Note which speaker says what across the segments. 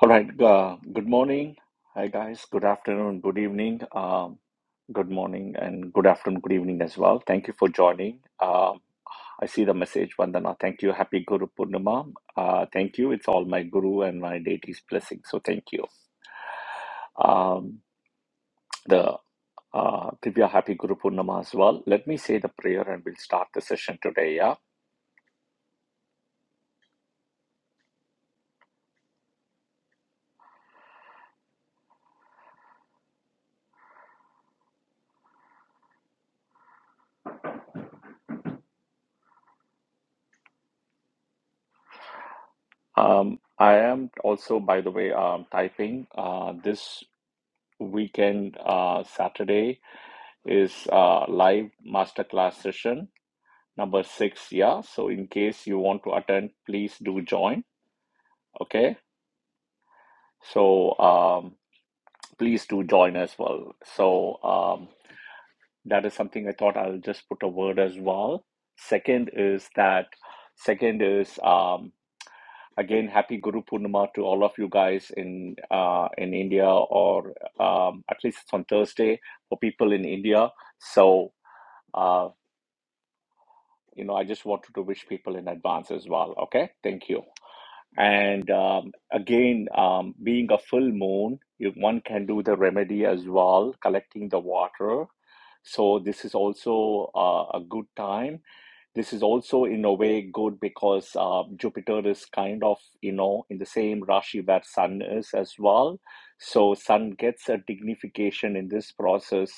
Speaker 1: All right. Uh, good morning. Hi, guys. Good afternoon. Good evening. Um, good morning and good afternoon. Good evening as well. Thank you for joining. Um, I see the message, Vandana. Thank you. Happy Guru Purnima. Uh, thank you. It's all my Guru and my deity's blessing. So thank you. Um, the uh, Divya Happy Guru Purnima as well. Let me say the prayer and we'll start the session today. Yeah. Um, I am also, by the way, um, typing uh, this. weekend, uh, Saturday is uh, live masterclass session number six. Yeah, so in case you want to attend, please do join. Okay, so um, please do join as well. So um, that is something I thought I'll just put a word as well. Second is that. Second is um, again happy Guru Purnima to all of you guys in uh, in India or um, at least it's on Thursday for people in India. So. uh, you know, I just wanted to wish people in advance as well. Okay, thank you. And um, again, um, being a full moon, if one can do the remedy as well, collecting the water. So this is also uh, a good time. This is also in a way good because uh, Jupiter is kind of you know in the same Rashi where Sun is as well. So Sun gets a dignification in this process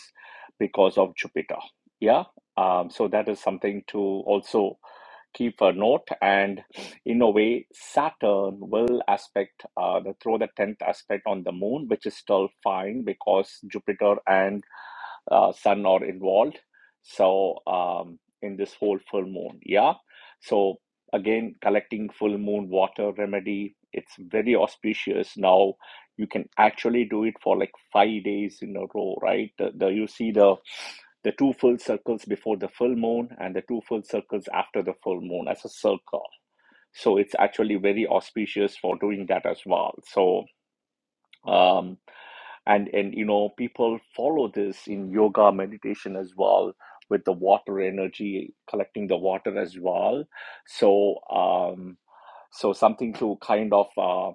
Speaker 1: because of Jupiter. Yeah. Um, so that is something to also keep a note and in a way saturn will aspect uh, the, throw the 10th aspect on the moon which is still fine because jupiter and uh, sun are involved. So um, in this whole full moon, yeah. So again, collecting full moon water remedy, it's very auspicious. Now you can actually do it for like five days in a row, right? The, the you see the the two full circles before the full moon and the two full circles after the full moon as a circle. So it's actually very auspicious for doing that as well. So. Um, and and you know people follow this in yoga meditation as well with the water energy collecting the water as well so um so something to kind of uh,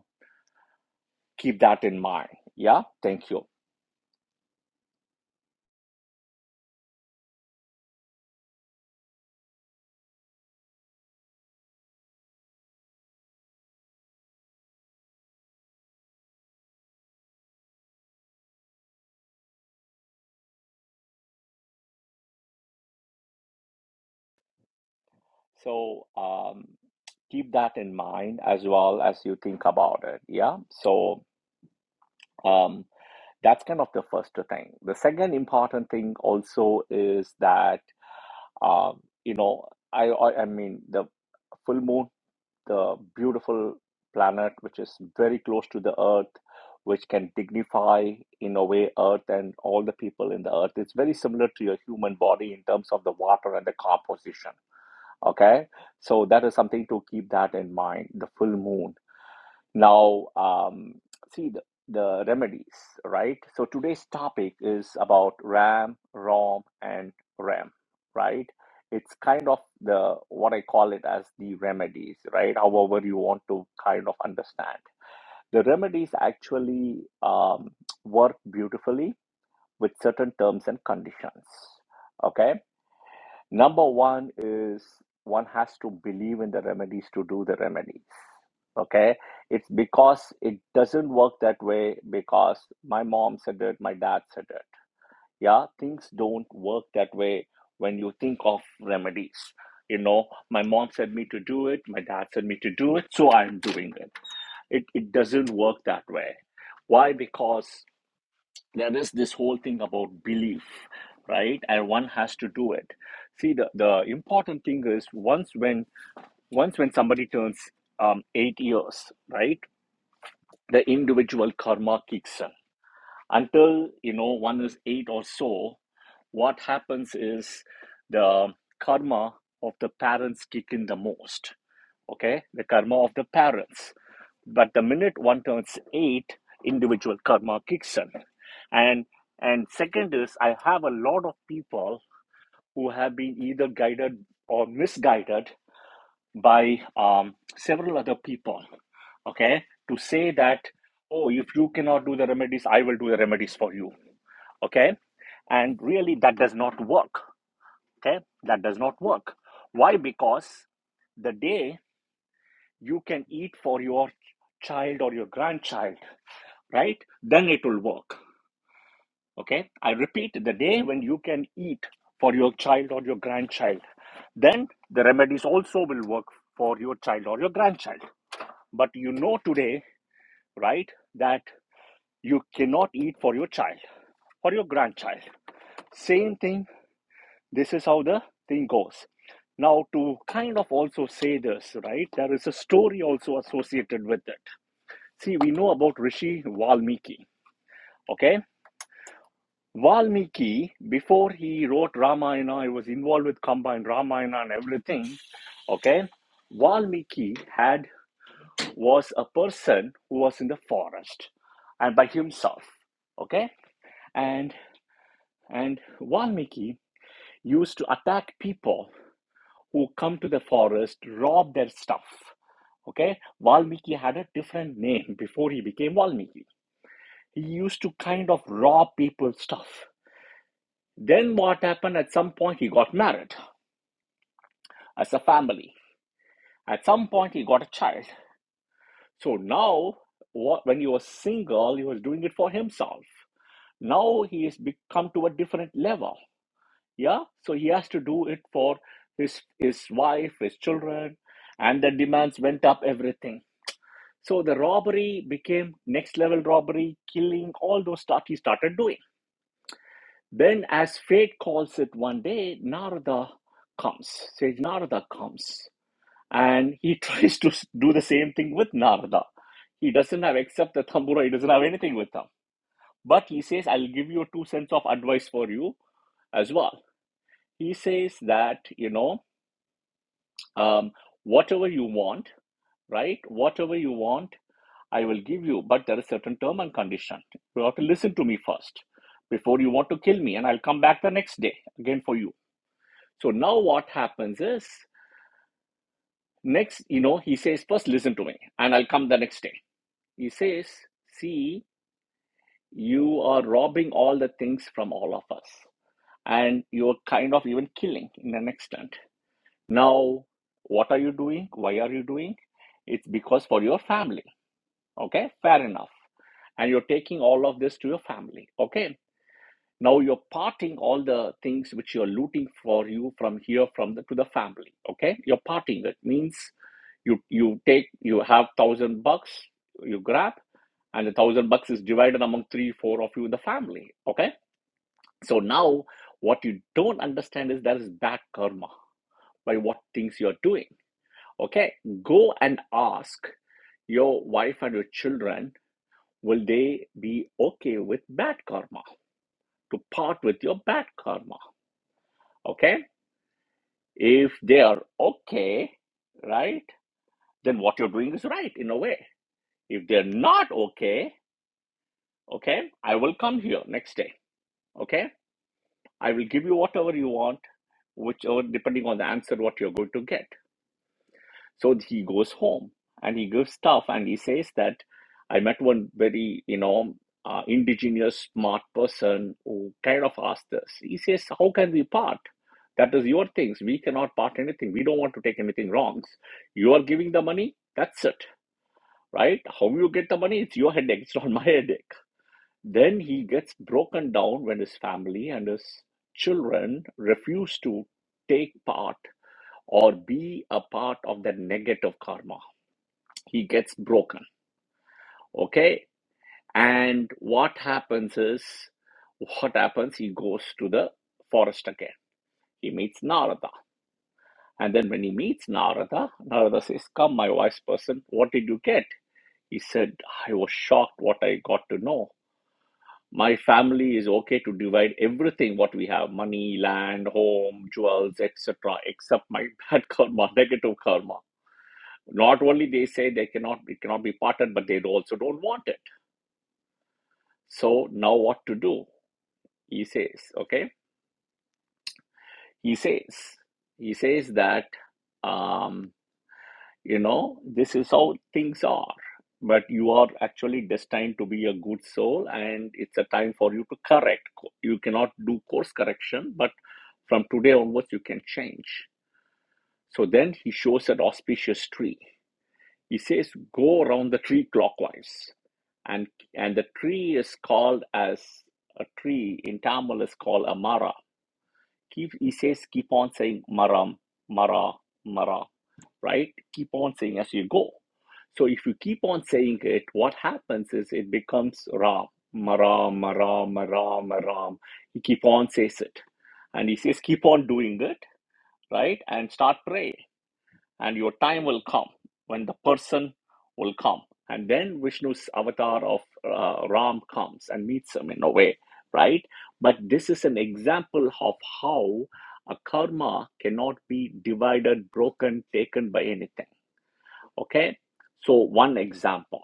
Speaker 1: keep that in mind yeah thank you so um keep that in mind as well as you think about it yeah so um that's kind of the first thing the second important thing also is that um you know i i, I mean the full moon the beautiful planet which is very close to the earth which can dignify in a way earth and all the people in the earth it's very similar to your human body in terms of the water and the composition okay so that is something to keep that in mind the full moon now, um, see the, the remedies, right? So today's topic is about RAM, ROM, and RAM, right? It's kind of the what I call it as the remedies, right? However, you want to kind of understand. The remedies actually um, work beautifully with certain terms and conditions. Okay. Number one is one has to believe in the remedies to do the remedies okay it's because it doesn't work that way because my mom said it my dad said it yeah things don't work that way when you think of remedies you know my mom said me to do it my dad said me to do it so i'm doing it it, it doesn't work that way why because there is this whole thing about belief right and one has to do it see the, the important thing is once when once when somebody turns um, eight years right the individual karma kicks in. Until you know one is eight or so, what happens is the karma of the parents kick in the most. Okay, the karma of the parents. But the minute one turns eight, individual karma kicks in, and and second is I have a lot of people who have been either guided or misguided by um, several other people okay to say that oh if you cannot do the remedies i will do the remedies for you okay and really that does not work okay that does not work why because the day you can eat for your child or your grandchild right then it will work okay i repeat the day when you can eat for your child or your grandchild then the remedies also will work for your child or your grandchild But you know today, right, that you cannot eat for your child or your grandchild. Same thing, this is how the thing goes. Now, to kind of also say this, right, there is a story also associated with it. See, we know about Rishi Valmiki, okay? Valmiki, before he wrote Ramayana, he was involved with Kamba and Ramayana and everything, okay? Valmiki had was a person who was in the forest and by himself okay and and valmiki used to attack people who come to the forest rob their stuff okay valmiki had a different name before he became valmiki he used to kind of rob people's stuff then what happened at some point he got married as a family at some point he got a child so now what when he was single he was doing it for himself now he has become to a different level yeah so he has to do it for his his wife his children and the demands went up everything so the robbery became next level robbery killing all those stuff he started doing then as fate calls it one day narada comes sage narada comes and he tries to do the same thing with narada he doesn't have except the tambura he doesn't have anything with them but he says i'll give you two cents of advice for you as well He says that, you know, um, whatever you want, right? Whatever you want, I will give you, but there is certain term and condition. You have to listen to me first before you want to kill me, and I'll come back the next day again for you. So now what happens is next, you know, he says, first listen to me, and I'll come the next day. He says, see, you are robbing all the things from all of us, and you're kind of even killing in an extent. Now, what are you doing? Why are you doing? It's because for your family. Okay, fair enough. And you're taking all of this to your family. Okay. Now you're parting all the things which you're looting for you from here from the to the family. Okay, you're parting. That means you you take you have thousand bucks you grab, and the thousand bucks is divided among three four of you in the family. Okay, so now what you don't understand is there is bad karma by what things you're doing Okay, go and ask your wife and your children will they be okay with bad karma to part with your bad karma? Okay, if they are okay, right, then what you're doing is right in a way. If they're not okay, okay, I will come here next day. Okay, I will give you whatever you want, whichever depending on the answer what you're going to get. So he goes home and he gives stuff and he says that I met one very, you know, uh, indigenous smart person who kind of asked this. He says, How can we part? That is your things. We cannot part anything. We don't want to take anything wrongs. You are giving the money. That's it, right? How you get the money? It's your headache. It's not my headache. Then he gets broken down when his family and his children refuse to take part or be a part of the negative karma he gets broken okay and what happens is what happens he goes to the forest again he meets narada and then when he meets narada narada says come my wise person what did you get he said i was shocked what i got to know my family is okay to divide everything what we have money land home jewels etc except my bad karma negative karma not only they say they cannot it cannot be parted but they also don't want it So now what to do? He says, okay? He says, he says that, um, you know, this is how things are. But you are actually destined to be a good soul, and it's a time for you to correct. You cannot do course correction, but from today onwards, you can change. So then he shows an auspicious tree. He says, Go around the tree clockwise and and the tree is called as a tree in Tamil is called amara. Keep he says keep on saying maram, mara, mara, right? Keep on saying as you go. So if you keep on saying it, what happens is it becomes ram, maram, maram, maram, maram. He keep on says it. And he says keep on doing it, right? And start praying and your time will come when the person will come and then vishnu's avatar of uh, ram comes and meets him in a way right but this is an example of how a karma cannot be divided broken taken by anything okay so one example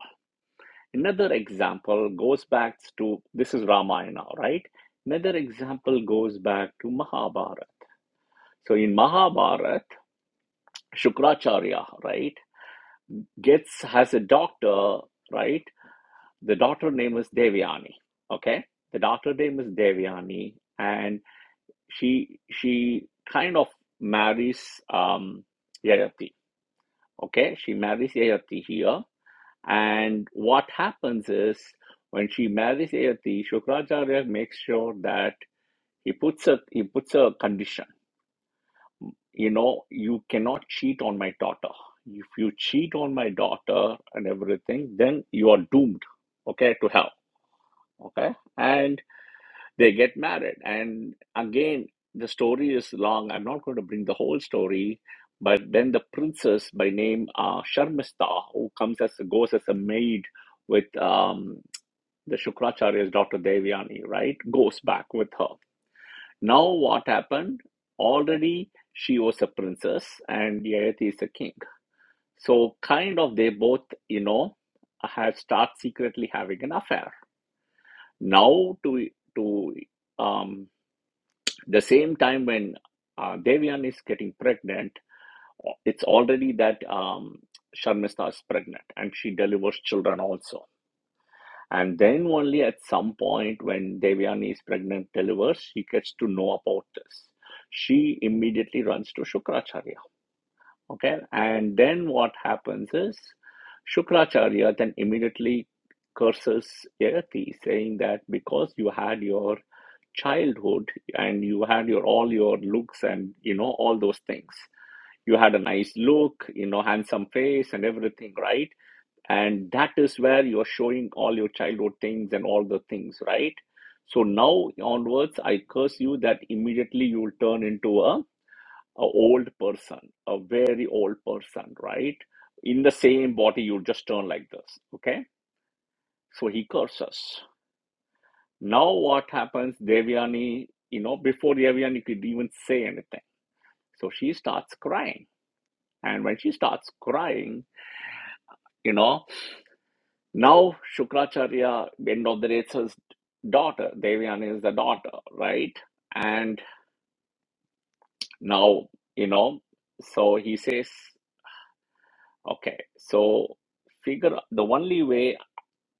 Speaker 1: another example goes back to this is ramayana right another example goes back to mahabharata so in mahabharata Shukracharya, right? Gets has a daughter, right? The daughter name is Devyani. Okay, the daughter name is Devyani, and she she kind of marries um, Yayati. Okay, she marries Yayati here, and what happens is when she marries Yayati, Shukracharya makes sure that he puts a he puts a condition you know you cannot cheat on my daughter if you cheat on my daughter and everything then you are doomed okay to hell okay and they get married and again the story is long i'm not going to bring the whole story but then the princess by name uh, sharmista who comes as goes as a maid with um, the shukracharya's daughter devyani right goes back with her now, what happened? Already she was a princess and Yayati is a king. So, kind of, they both, you know, have start secretly having an affair. Now, to to um, the same time when uh, Devian is getting pregnant, it's already that um, Sharmista is pregnant and she delivers children also. And then only at some point when Devyani is pregnant, delivers, she gets to know about this. She immediately runs to Shukracharya. Okay. And then what happens is Shukracharya then immediately curses Yayati, saying that because you had your childhood and you had your all your looks and you know all those things. You had a nice look, you know, handsome face and everything, right? and that is where you're showing all your childhood things and all the things right so now onwards i curse you that immediately you will turn into a, a old person a very old person right in the same body you just turn like this okay so he curses now what happens devyani you know before devyani could even say anything so she starts crying and when she starts crying you know Now Shukracharya, end of the Rendavatiraja's daughter, Devyan is the daughter, right? And now, you know, so he says, okay, so figure the only way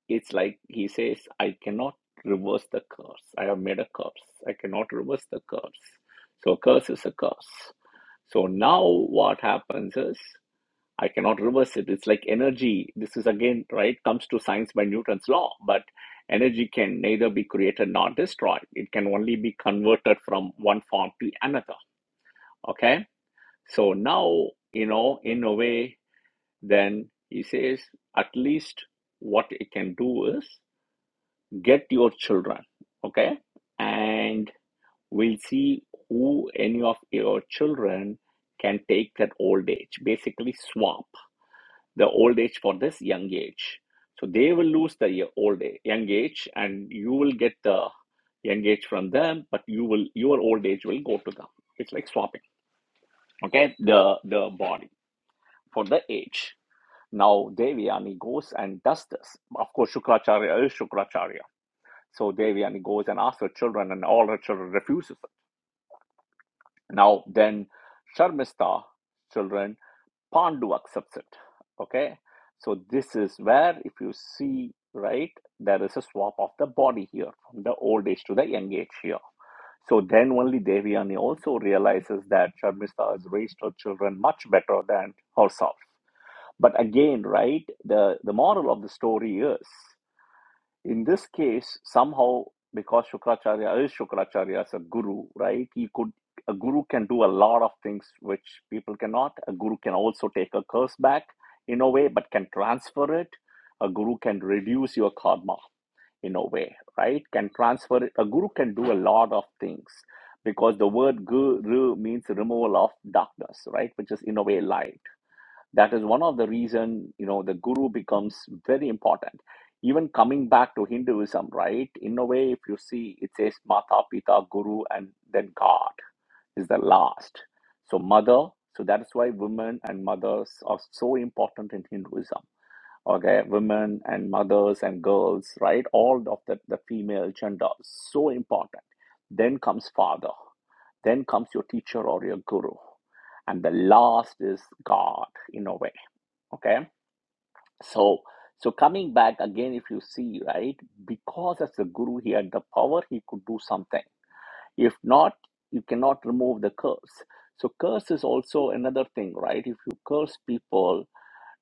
Speaker 1: it's like he says, I cannot reverse the curse. I have made a curse. I cannot reverse the curse. So curse is a curse. So now what happens is I cannot reverse it. It's like energy. This is again, right, comes to science by Newton's law, but energy can neither be created nor destroyed. It can only be converted from one form to another. Okay. So now, you know, in a way, then he says, at least what it can do is get your children. Okay. And we'll see who any of your children can take that old age, basically swap. the old age for this young age. So they will lose the old age, young age, and you will get the young age from them, but you will your old age will go to them. It's like swapping. Okay, the the body for the age. Now Devyani goes and does this. Of course, Shukracharya is Shukracharya. So Devyani goes and asks her children, and all her children refuses it. Now then, Sharmista children Pandu accepts it. Okay, so this is where, if you see right, there is a swap of the body here from the old age to the young age here. So then only Devyani also realizes that Sharmista has raised her children much better than herself. But again, right, the, the moral of the story is in this case, somehow, because Shukracharya is Shukracharya as a guru, right? He could a guru can do a lot of things which people cannot. A guru can also take a curse back in a way, but can transfer it. A guru can reduce your karma in a way, right? Can transfer it. A guru can do a lot of things because the word guru means removal of darkness, right? Which is in a way light that is one of the reason you know the guru becomes very important even coming back to hinduism right in a way if you see it says mata pita guru and then god is the last so mother so that's why women and mothers are so important in hinduism okay women and mothers and girls right all of the, the female gender so important then comes father then comes your teacher or your guru and the last is god in a way Okay, so so coming back again, if you see right, because as the guru, he had the power, he could do something. If not, you cannot remove the curse. So curse is also another thing, right? If you curse people,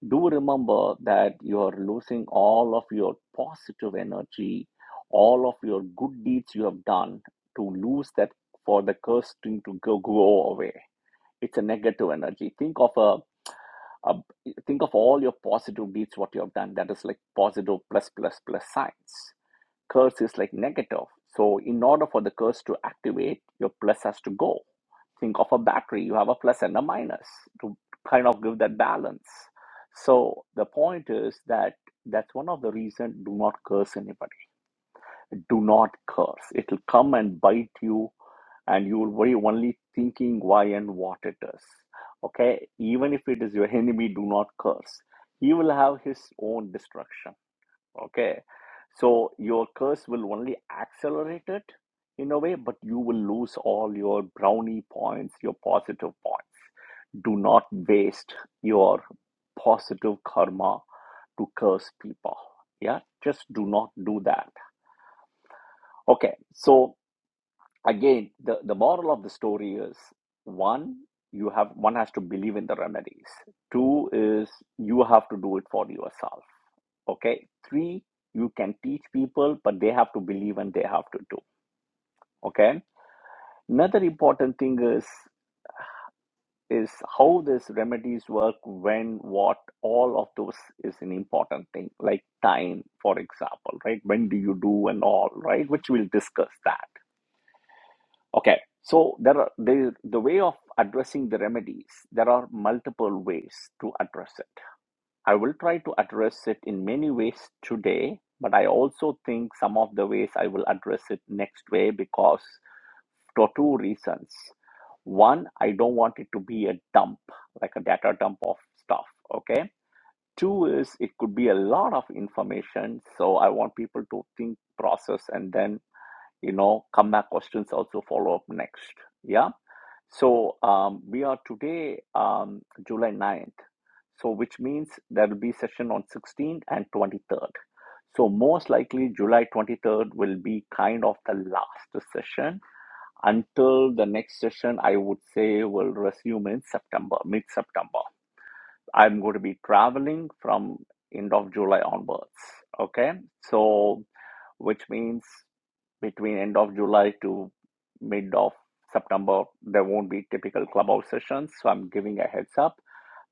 Speaker 1: do remember that you are losing all of your positive energy, all of your good deeds you have done to lose that for the curse thing to go, go away. It's a negative energy. Think of a uh, think of all your positive deeds what you have done that is like positive plus plus plus signs curse is like negative so in order for the curse to activate your plus has to go think of a battery you have a plus and a minus to kind of give that balance so the point is that that's one of the reasons do not curse anybody do not curse. It'll come and bite you, and you will be only thinking why and what it is. Okay, even if it is your enemy, do not curse. He will have his own destruction. Okay, so your curse will only accelerate it in a way, but you will lose all your brownie points, your positive points. Do not waste your positive karma to curse people. Yeah, just do not do that. Okay, so Again, the, the moral of the story is one, you have one has to believe in the remedies. Two is you have to do it for yourself. Okay. Three, you can teach people, but they have to believe and they have to do. Okay. Another important thing is is how these remedies work, when, what, all of those is an important thing, like time, for example, right? When do you do and all, right? Which we'll discuss that. Okay, so there are the the way of addressing the remedies. There are multiple ways to address it. I will try to address it in many ways today, but I also think some of the ways I will address it next way because for two reasons. One, I don't want it to be a dump, like a data dump of stuff. Okay. Two is it could be a lot of information, so I want people to think, process, and then you know come back questions also follow up next. Yeah so um, we are today um, July ninth. so which means there will be session on 16th and 23rd. So most likely July 23rd will be kind of the last session until the next session I would say will resume in September, mid-September. I'm going to be traveling from end of July onwards. Okay, so which means between end of July to mid of September, there won't be typical clubhouse sessions. So I'm giving a heads up.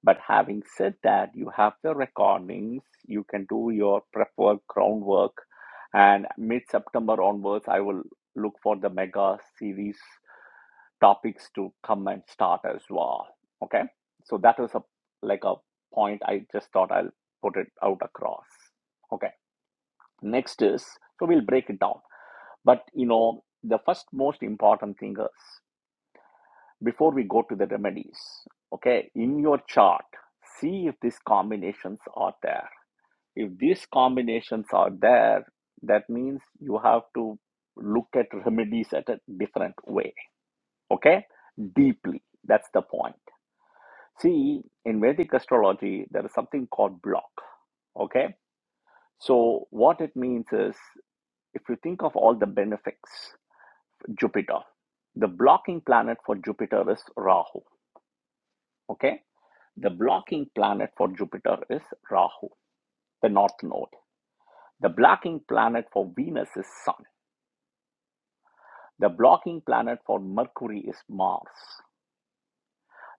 Speaker 1: But having said that, you have the recordings, you can do your prep work, groundwork, and mid September onwards, I will look for the mega series topics to come and start as well. Okay, so that was a like a point I just thought I'll put it out across. Okay, next is so we'll break it down. But you know, the first most important thing is before we go to the remedies, okay, in your chart, see if these combinations are there. If these combinations are there, that means you have to look at remedies at a different way, okay, deeply. That's the point. See, in Vedic astrology, there is something called block, okay. So, what it means is if you think of all the benefits, Jupiter. The blocking planet for Jupiter is Rahu. Okay. The blocking planet for Jupiter is Rahu, the north node. The blocking planet for Venus is Sun. The blocking planet for Mercury is Mars.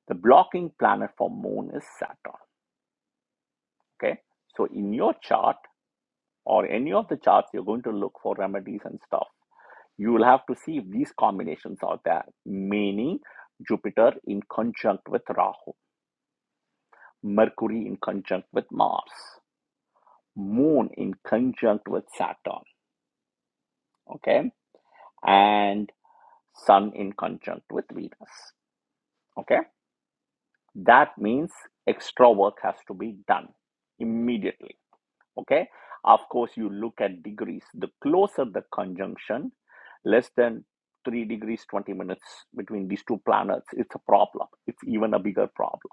Speaker 1: The blocking planet for Moon is Saturn. Okay. So in your chart or any of the charts, you're going to look for remedies and stuff. You will have to see if these combinations are there, meaning Jupiter in conjunct with Rahu. Mercury in conjunct with Mars, Moon in conjunct with Saturn, okay, and Sun in conjunct with Venus, okay. That means extra work has to be done immediately, okay. Of course, you look at degrees. The closer the conjunction, less than 3 degrees 20 minutes between these two planets, it's a problem. It's even a bigger problem,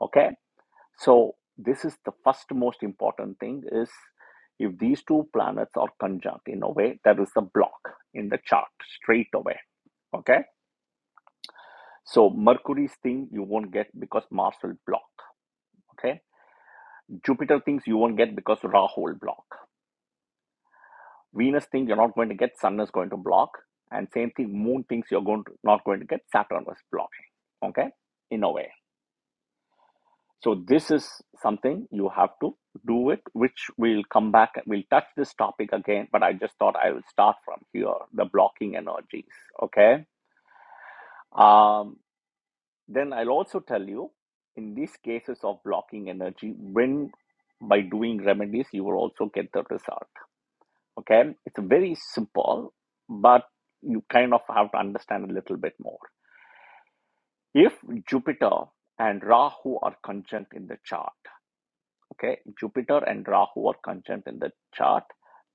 Speaker 1: okay So this is the first most important thing is if these two planets are conjunct in a way, that is the block in the chart straight away. Okay. So Mercury's thing you won't get because Mars will block. Okay. Jupiter things you won't get because Rahu will block. Venus thing you're not going to get. Sun is going to block. And same thing, Moon things you're going to not going to get. Saturn was blocking. Okay. In a way. So this is something you have to do it, which we'll come back and we'll touch this topic again. But I just thought I will start from here, the blocking energies. Okay. Um, then I'll also tell you in these cases of blocking energy, when by doing remedies, you will also get the result. Okay. It's very simple, but you kind of have to understand a little bit more. If Jupiter and Rahu are conjunct in the chart, Okay, Jupiter and Rahu are conjunct in the chart.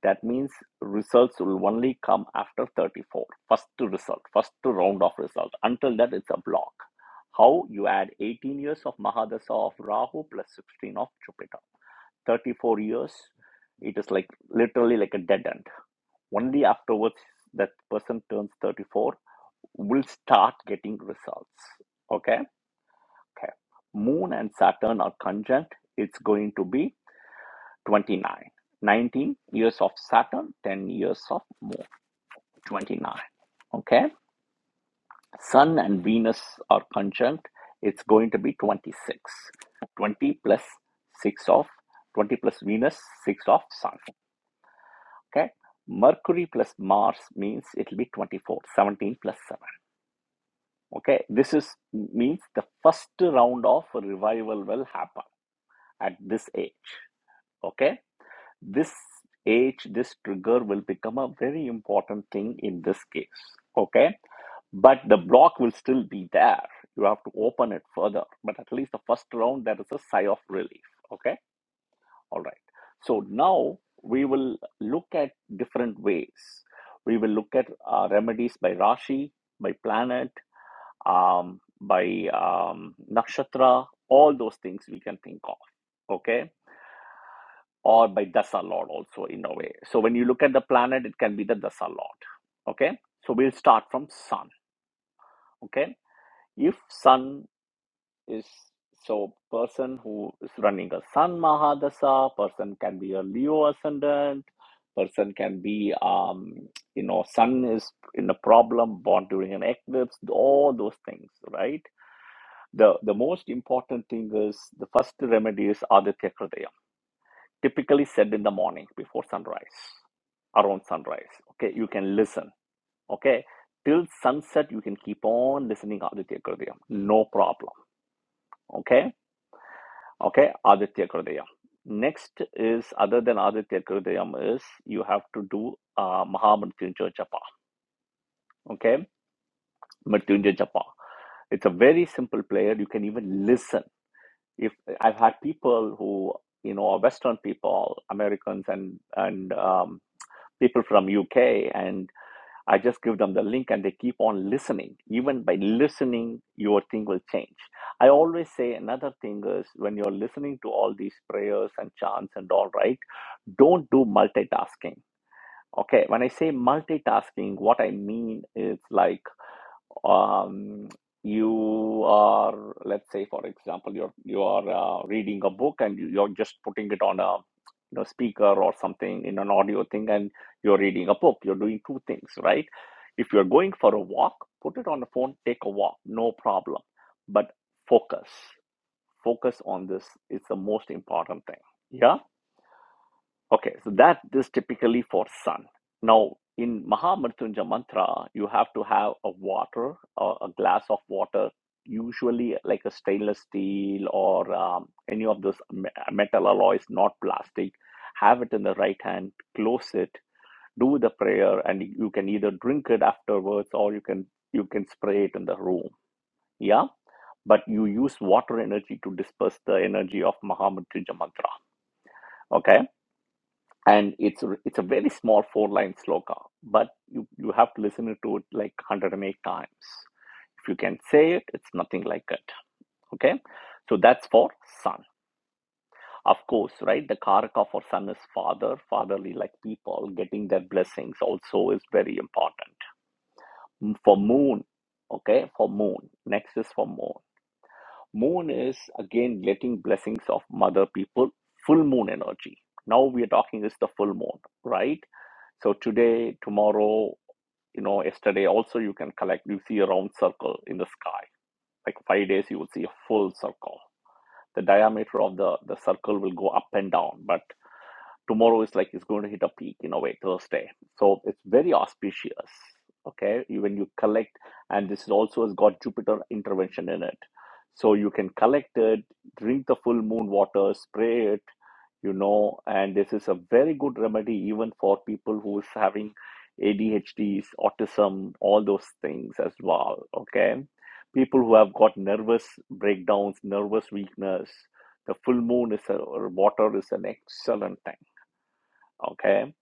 Speaker 1: That means results will only come after 34. First to result, first to round of result. Until that, it's a block. How you add 18 years of Mahadasha of Rahu plus 16 of Jupiter. 34 years, it is like literally like a dead end. Only afterwards that person turns 34 will start getting results. Okay, okay. Moon and Saturn are conjunct. It's going to be 29 19 years of saturn 10 years of moon 29 okay sun and venus are conjunct it's going to be 26 20 plus 6 of 20 plus venus 6 of sun okay mercury plus mars means it'll be 24 17 plus 7 okay this is means the first round of revival will happen at this age okay this age, this trigger will become a very important thing in this case. Okay. But the block will still be there. You have to open it further. But at least the first round, there is a sigh of relief. Okay. All right. So now we will look at different ways. We will look at uh, remedies by Rashi, by planet, um, by um, nakshatra, all those things we can think of. Okay or by dasa lord also in a way. So when you look at the planet, it can be the dasa lord. Okay, so we'll start from sun. Okay, if sun is so person who is running a sun mahadasa, person can be a Leo ascendant, person can be um you know sun is in a problem born during an eclipse, all those things, right? The the most important thing is the first remedy is Aditya Kridaya typically said in the morning before sunrise around sunrise okay you can listen okay till sunset you can keep on listening aditya kridayam no problem okay okay aditya kridayam next is other than aditya kridayam is you have to do uh, mahamrityunjaya japa okay mrityunjaya japa it's a very simple prayer you can even listen if i've had people who you know are western people americans and and um, people from uk and I just give them the link and they keep on listening. Even by listening, your thing will change. I always say another thing is when you're listening to all these prayers and chants and all, right? Don't do multitasking. Okay, when I say multitasking, what I mean is like um, you are let's say for example you're you are uh, reading a book and you, you're just putting it on a you know speaker or something in an audio thing and you're reading a book you're doing two things right if you're going for a walk put it on the phone take a walk no problem but focus focus on this is the most important thing Yeah. Okay, so that is typically for sun. Now, in Mahamrityunjaya mantra, you have to have a water, uh, a glass of water, usually like a stainless steel or um, any of those me- metal alloys, not plastic. Have it in the right hand, close it, do the prayer, and you can either drink it afterwards or you can you can spray it in the room. Yeah, but you use water energy to disperse the energy of Mahamrityunjaya mantra. Okay and it's it's a very small four line sloka but you you have to listen to it like 108 times if you can say it it's nothing like it okay so that's for son of course right the karaka for son is father fatherly like people getting their blessings also is very important for moon okay for moon next is for moon Moon is again getting blessings of mother people, full moon energy. Now we are talking is the full moon, right? So today, tomorrow, you know, yesterday also you can collect, you see a round circle in the sky. Like five days, you will see a full circle. The diameter of the, the circle will go up and down, but tomorrow is like it's going to hit a peak in a way thursday so it's very auspicious okay when you collect and this also has got jupiter intervention in it so you can collect it drink the full moon water spray it you know and this is a very good remedy even for people who is having adhd's autism all those things as well okay people who have got nervous breakdowns nervous weakness the full moon is a, or water is an excellent Okay.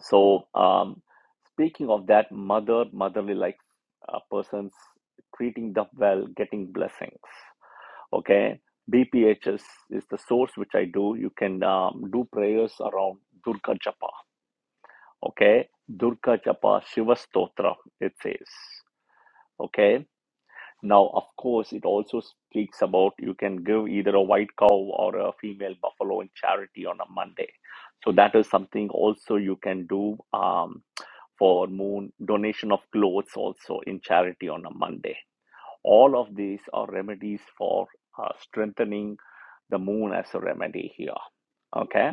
Speaker 1: So, um, speaking of that mother, motherly like uh, persons, treating them well, getting blessings. Okay. BPHS is the source which I do. You can um, do prayers around Durga Japa. Okay. Durga Japa Shiva Stotra, it says. Okay. Now, of course, it also speaks about you can give either a white cow or a female buffalo in charity on a Monday. So, that is something also you can do. Um, for moon donation of clothes also in charity on a Monday. All of these are remedies for uh, strengthening the moon as a remedy here. Okay.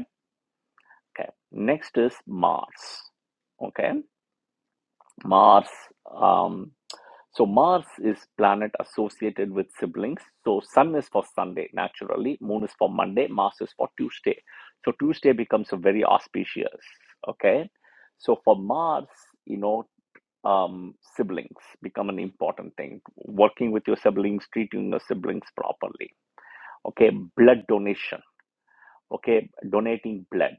Speaker 1: Okay. Next is Mars. Okay. Mars. Um, so Mars is planet associated with siblings. So Sun is for Sunday naturally. Moon is for Monday. Mars is for Tuesday. So Tuesday becomes a very auspicious. Okay. So for Mars, you know, um, siblings become an important thing. Working with your siblings, treating your siblings properly. Okay, blood donation. Okay, donating blood.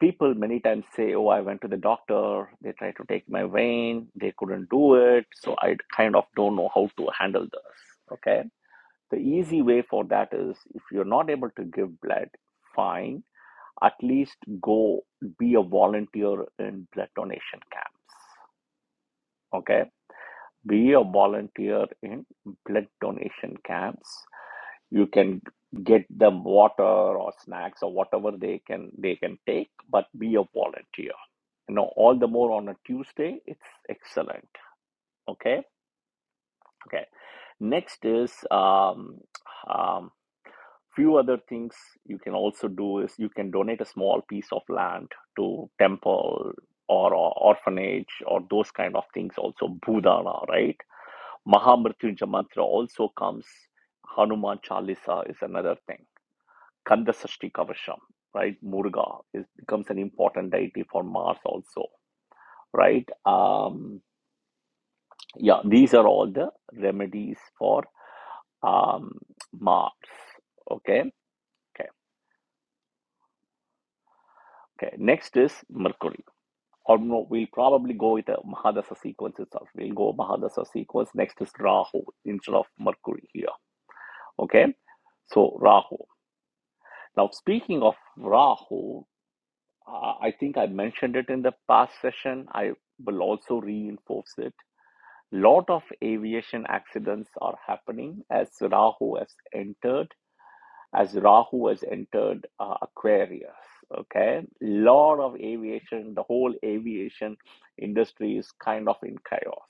Speaker 1: People many times say, "Oh, I went to the doctor. They tried to take my vein. They couldn't do it." So I kind of don't know how to handle this. Okay, the easy way for that is if you're not able to give blood, fine. At least go be a volunteer in blood donation camps. Okay be a volunteer in blood donation camps you can get them water or snacks or whatever they can they can take but be a volunteer you know all the more on a tuesday it's excellent okay okay next is um, um few other things you can also do is you can donate a small piece of land to temple or, or orphanage or those kind of things also budana right Mahamrityunjaya mantra also comes. Hanuman Chalisa is another thing. Kanda Sashti Kavasham, right? Murga is, becomes an important deity for Mars also, right? Um, yeah, these are all the remedies for um, Mars. Okay, okay, okay. Next is Mercury. Or no, we'll probably go with the Mahadasa sequence itself. We'll go Mahadasa sequence. Next is Rahu instead of Mercury here. Okay, so Rahu. Now, speaking of Rahu, Uh, I think I mentioned it in the past session. I will also reinforce it. A Lot of aviation accidents are happening as Rahu has entered, as Rahu has entered uh, Aquarius. Okay, lot of aviation. The whole aviation industry is kind of in chaos.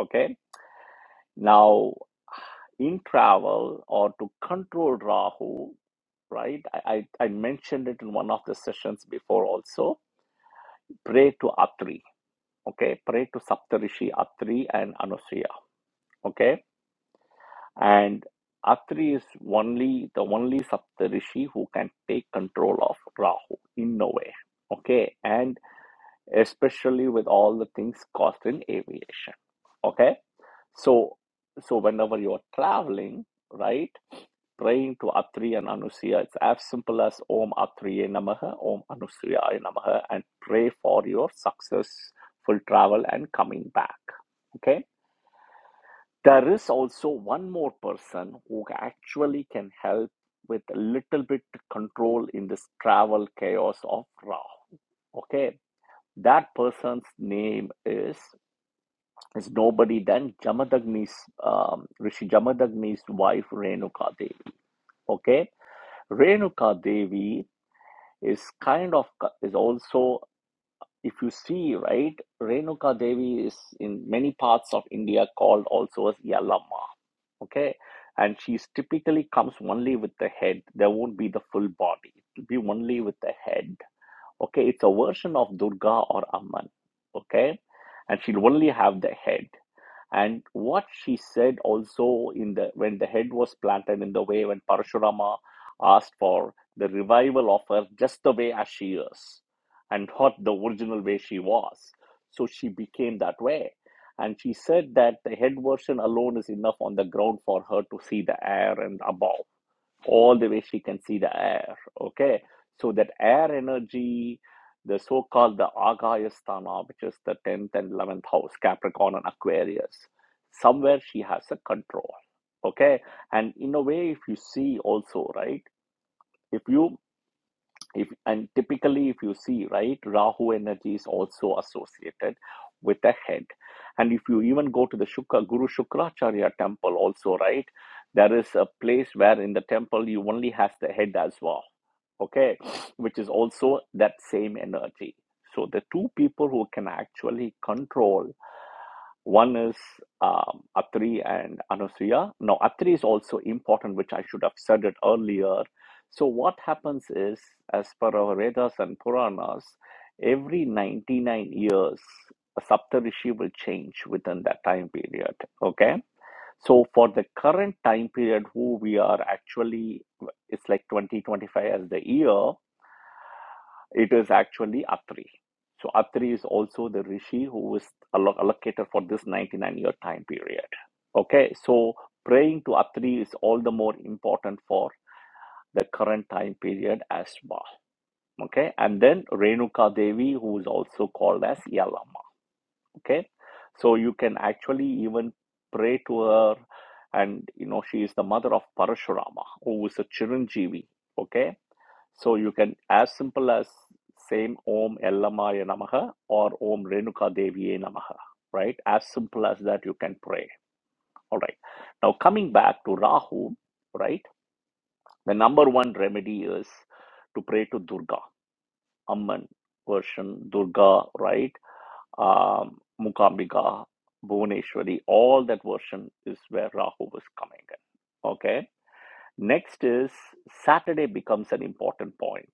Speaker 1: Okay, now in travel or to control Rahu, right? I I, I mentioned it in one of the sessions before also. Pray to Atri okay, pray to Saptarishi Atri and Anusuya, okay? And Atri is only the only Saptarishi who can take control of Rahu in no way, okay? And especially with all the things caused in aviation, okay? So, so whenever you are traveling, right? Praying to Atri and Anusuya, it's as simple as Om Atriye Namaha, Om Anusuya Namaha, and pray for your successful travel and coming back. Okay There is also one more person who actually can help with a little bit control in this travel chaos of Rahu. Okay, that person's name is is nobody than Jamadagni's um, Rishi Jamadagni's wife Renuka Devi. Okay, Renuka Devi is kind of is also if you see right, Renuka Devi is in many parts of India called also as Yellama okay and she's typically comes only with the head there won't be the full body it'll be only with the head okay it's a version of durga or amman okay and she'll only have the head and what she said also in the when the head was planted in the way when parashurama asked for the revival of her just the way as she is and not the original way she was so she became that way and she said that the head version alone is enough on the ground for her to see the air and above all the way she can see the air okay so that air energy the so-called the agayasthana which is the 10th and 11th house capricorn and aquarius somewhere she has a control okay and in a way if you see also right if you if and typically if you see right rahu energy is also associated with the head and if you even go to the shukra guru shukracharya temple also right there is a place where in the temple you only have the head as well okay which is also that same energy so the two people who can actually control one is um, Atri and Anusuya. Now, Atri is also important, which I should have said it earlier. So, what happens is, as per our Vedas and Puranas, every 99 years, a Saptarishi will change within that time period. Okay. So, for the current time period, who we are actually, it's like 2025 as the year. It is actually Atri. So Atri is also the rishi who is allo- allocated for this 99 year time period. Okay, so praying to Atri is all the more important for the current time period as well. Okay, and then Renuka Devi, who is also called as Yalama. Okay, so you can actually even pray to her, and you know, she is the mother of Parashurama, who is a Chiranjeevi. Okay, so you can as simple as same Om Ellamaya Namaha or Om Renuka Deviye Namaha, right? As simple as that you can pray. All right. Now coming back to Rahu, right? The number one remedy is to pray to Durga, Amman version, Durga, right? Um, Mukambika, Bhuvaneshwari, all that version is where Rahu was coming in. Okay. Next is Saturday becomes an important point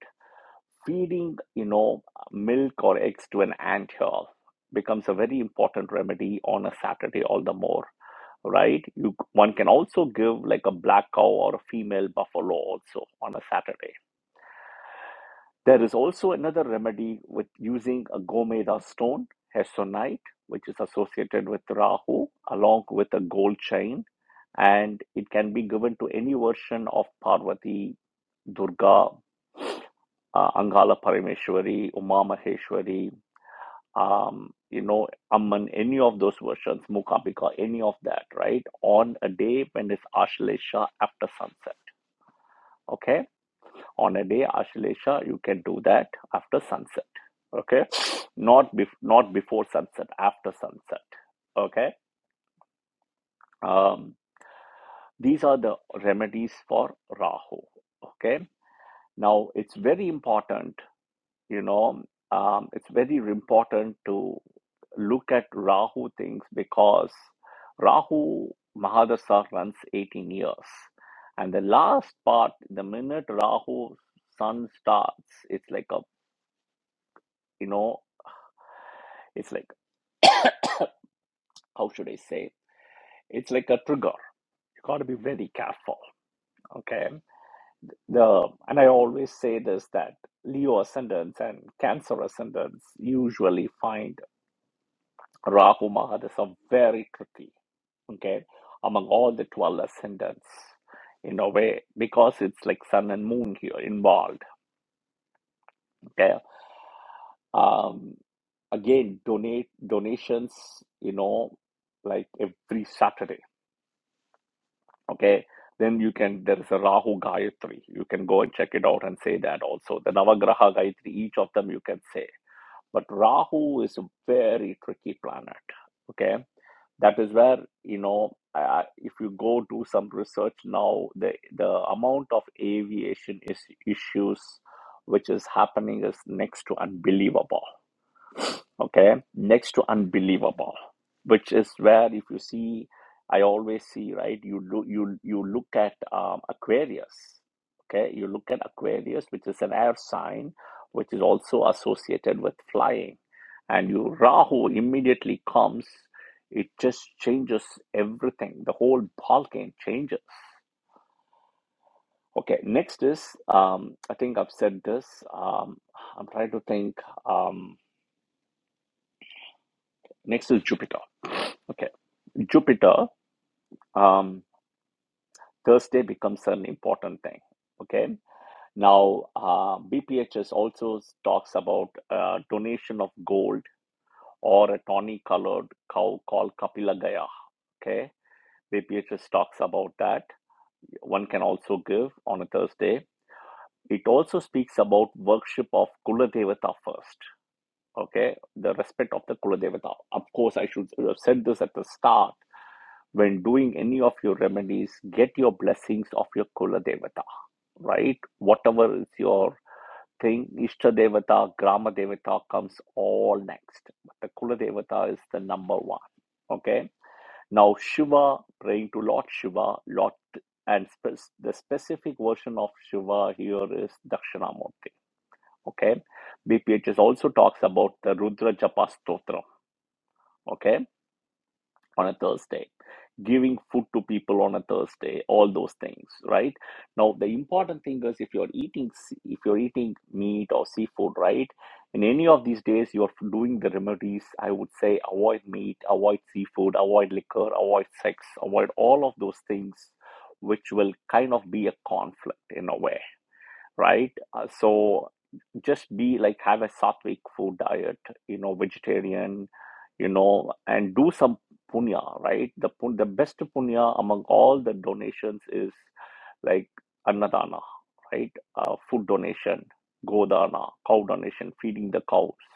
Speaker 1: feeding you know milk or eggs to an ant hill becomes a very important remedy on a saturday all the more right you one can also give like a black cow or a female buffalo also on a saturday there is also another remedy with using a gomeda stone hesonite which is associated with rahu along with a gold chain and it can be given to any version of parvati durga uh, Angala Parameshwari, Uma Maheshwari, um, you know, Amman, any of those versions, Mukabika, any of that, right? On a day when it's Ashlesha after sunset, okay? On a day Ashlesha, you can do that after sunset, okay? Not, bef- not before sunset, after sunset, okay? Um, these are the remedies for Rahu, okay? Now, it's very important you know um, it's very important to look at rahu things because rahu mahadasha runs 18 years and the last part the minute rahu sun starts it's like a you know it's like how should i say it's like a trigger you got to be very careful okay the and i always say this that leo ascendants and cancer ascendants usually find Rahu Mahadasa are very tricky, okay, among all the 12 ascendants in a way, because it's like sun and moon here involved, okay. Um, again, donate donations, you know, like every Saturday, okay. Then you can, there is a Rahu Gayatri. You can go and check it out and say that also. The Navagraha Gayatri, each of them you can say. But Rahu is a very tricky planet, okay that is where you know I, if you go do some research now the the amount of aviation is, issues which is happening is next to unbelievable okay next to unbelievable which is where if you see i always see right you do you you look at um, aquarius okay you look at aquarius which is an air sign which is also associated with flying and you rahu immediately comes it just changes everything the whole ball changes okay next is um i think i've said this um i'm trying to think um next is jupiter Okay. Jupiter, um, Thursday becomes an important thing. Okay. Now, uh, BPHS also talks about uh, donation of gold or a tawny colored cow called Kapila Gaya. Okay. BPHS talks about that. One can also give on a Thursday. It also speaks about worship of Kuladevata first. Okay. The respect of the Kuladevata. Of course, I should have said this at the start when doing any of your remedies, get your blessings of your Kula Devata, right? Whatever is your thing, Ishta Devata, Grama Devata comes all next. But the Kula Devata is the number one, okay? Now, Shiva, praying to Lord Shiva, Lord, and spe- the specific version of Shiva here is Dakshinamurti, okay? BPHS also talks about the Rudra Japa Stotra, okay? On a Thursday giving food to people on a thursday all those things right now the important thing is if you're eating if you're eating meat or seafood right in any of these days you're doing the remedies i would say avoid meat avoid seafood avoid liquor avoid sex avoid all of those things which will kind of be a conflict in a way right Uh, so just be like have a sattvic food diet you know vegetarian you know and do some punya right the the best punya among all the donations is like annadana right uh, food donation godana cow donation feeding the cows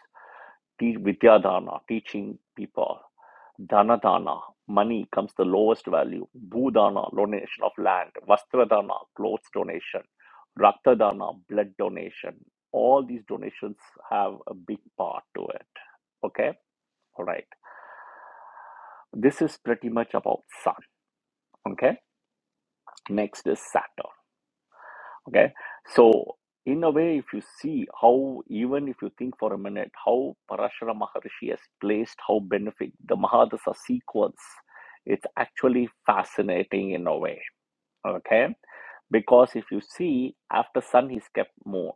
Speaker 1: teach vidyadana teaching people dana dana, money comes the lowest value. Bhudana, donation of land. Vastradana, clothes donation. Raktadana, blood donation. All these donations have a big part to it. Okay, all right. This is pretty much about Sun. Okay, next is Saturn. Okay, so in a way, if you see how, even if you think for a minute, how Parashara Maharishi has placed how benefic the Mahadasa sequence, it's actually fascinating in a way okay because if you see after sun he's kept moon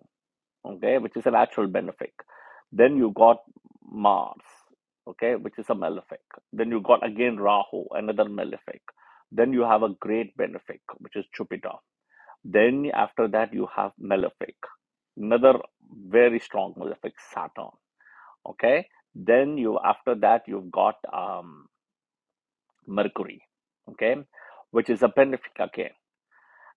Speaker 1: okay which is a natural benefic then you got mars okay which is a malefic then you got again rahu another malefic then you have a great benefic which is jupiter then after that you have malefic another very strong malefic saturn okay then you after that you've got um mercury okay which is a benefic again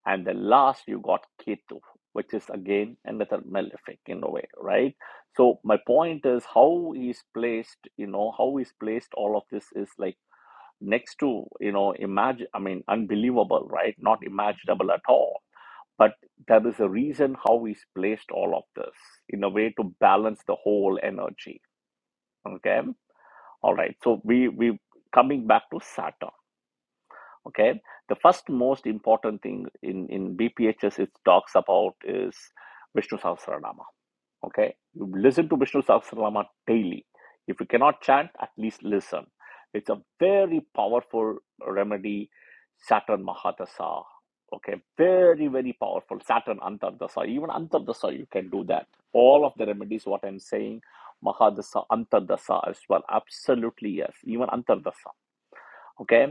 Speaker 1: and the last you got Ketu, which is again another malefic in a way right so my point is how he's placed you know how he's placed all of this is like next to you know imagine i mean unbelievable right not imaginable at all but there is a reason how he's placed all of this in a way to balance the whole energy okay all right so we we coming back to saturn okay the first most important thing in in bphs it talks about is vishnu sahasranama okay you listen to vishnu sahasranama daily if you cannot chant at least listen it's a very powerful remedy saturn mahadasa okay very very powerful saturn antardasa even antardasa you can do that all of the remedies what i'm saying mahadasa antardasa as well absolutely yes even antardasa okay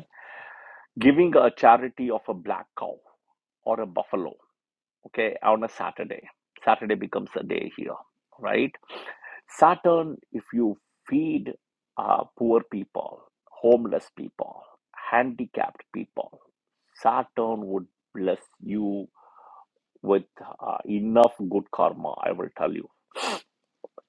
Speaker 1: giving a charity of a black cow or a buffalo, okay, on a Saturday. Saturday becomes a day here, right? Saturn, if you feed uh, poor people, homeless people, handicapped people, Saturn would bless you with uh, enough good karma, I will tell you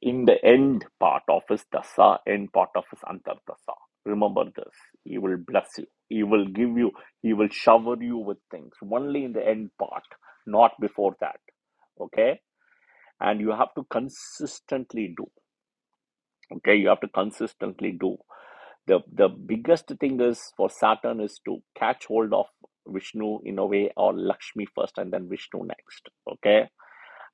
Speaker 1: in the end part of his dasa, end part of his antardasa. Remember this. He will bless you. He will give you, he will shower you with things. Only in the end part, not before that. Okay? And you have to consistently do. Okay, you have to consistently do. The the biggest thing is for Saturn is to catch hold of Vishnu in a way or Lakshmi first and then Vishnu next. Okay.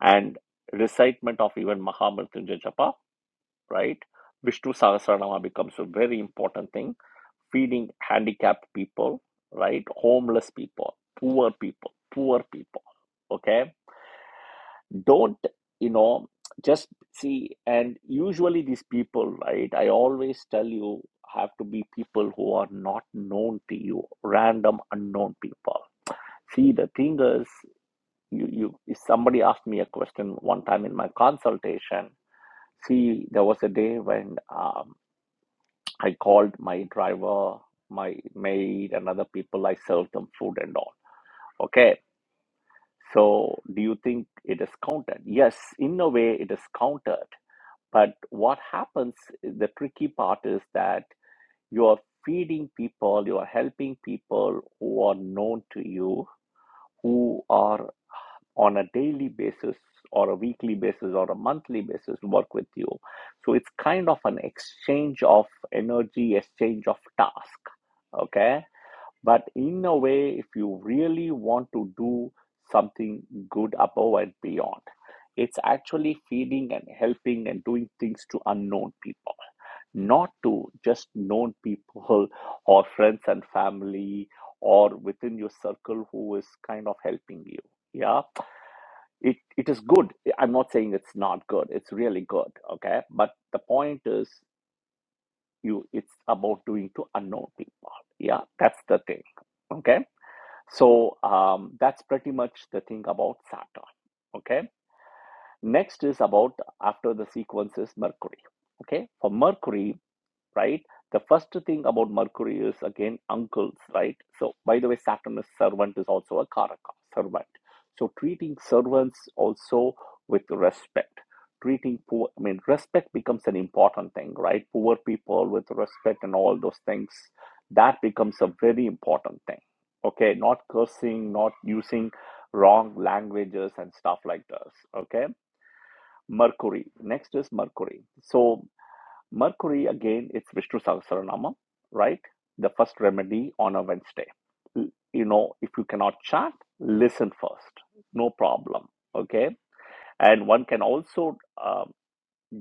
Speaker 1: And recitement of even Mahamrityunjay Japa right? Vishnu Sahasranama becomes a very important thing. Feeding handicapped people, right? Homeless people, poor people, poor people. Okay. Don't, you know, just see. And usually these people, right? I always tell you, have to be people who are not known to you, random unknown people. See, the thing is, you, you, if somebody asked me a question one time in my consultation, see, there was a day when um, I called my driver, my maid, and other people. I served them food and all. Okay. So, do you think it is counted? Yes, in a way, it is counted. But what happens, the tricky part is that you are feeding people, you are helping people who are known to you, who are on a daily basis or a weekly basis or a monthly basis work with you so it's kind of an exchange of energy exchange of task okay but in a way if you really want to do something good above and beyond it's actually feeding and helping and doing things to unknown people not to just known people or friends and family or within your circle who is kind of helping you yeah it it is good i'm not saying it's not good it's really good okay but the point is you it's about doing to unknown people yeah that's the thing okay so um, that's pretty much the thing about saturn okay next is about after the sequence is mercury okay for mercury right? The first thing about Mercury is again uncles, right? So, by the way, Saturn is servant is also a karaka, servant. So, treating servants also with respect. Treating poor, I mean, respect becomes an important thing, right? Poor people with respect and all those things, that becomes a very important thing. Okay, not cursing, not using wrong languages and stuff like this. Okay, Mercury. Next is Mercury. So, Mercury again, it's Vishnu Sahasranama, right? The first remedy on a Wednesday. You know, if you cannot chant, listen first. No problem. Okay. And one can also um,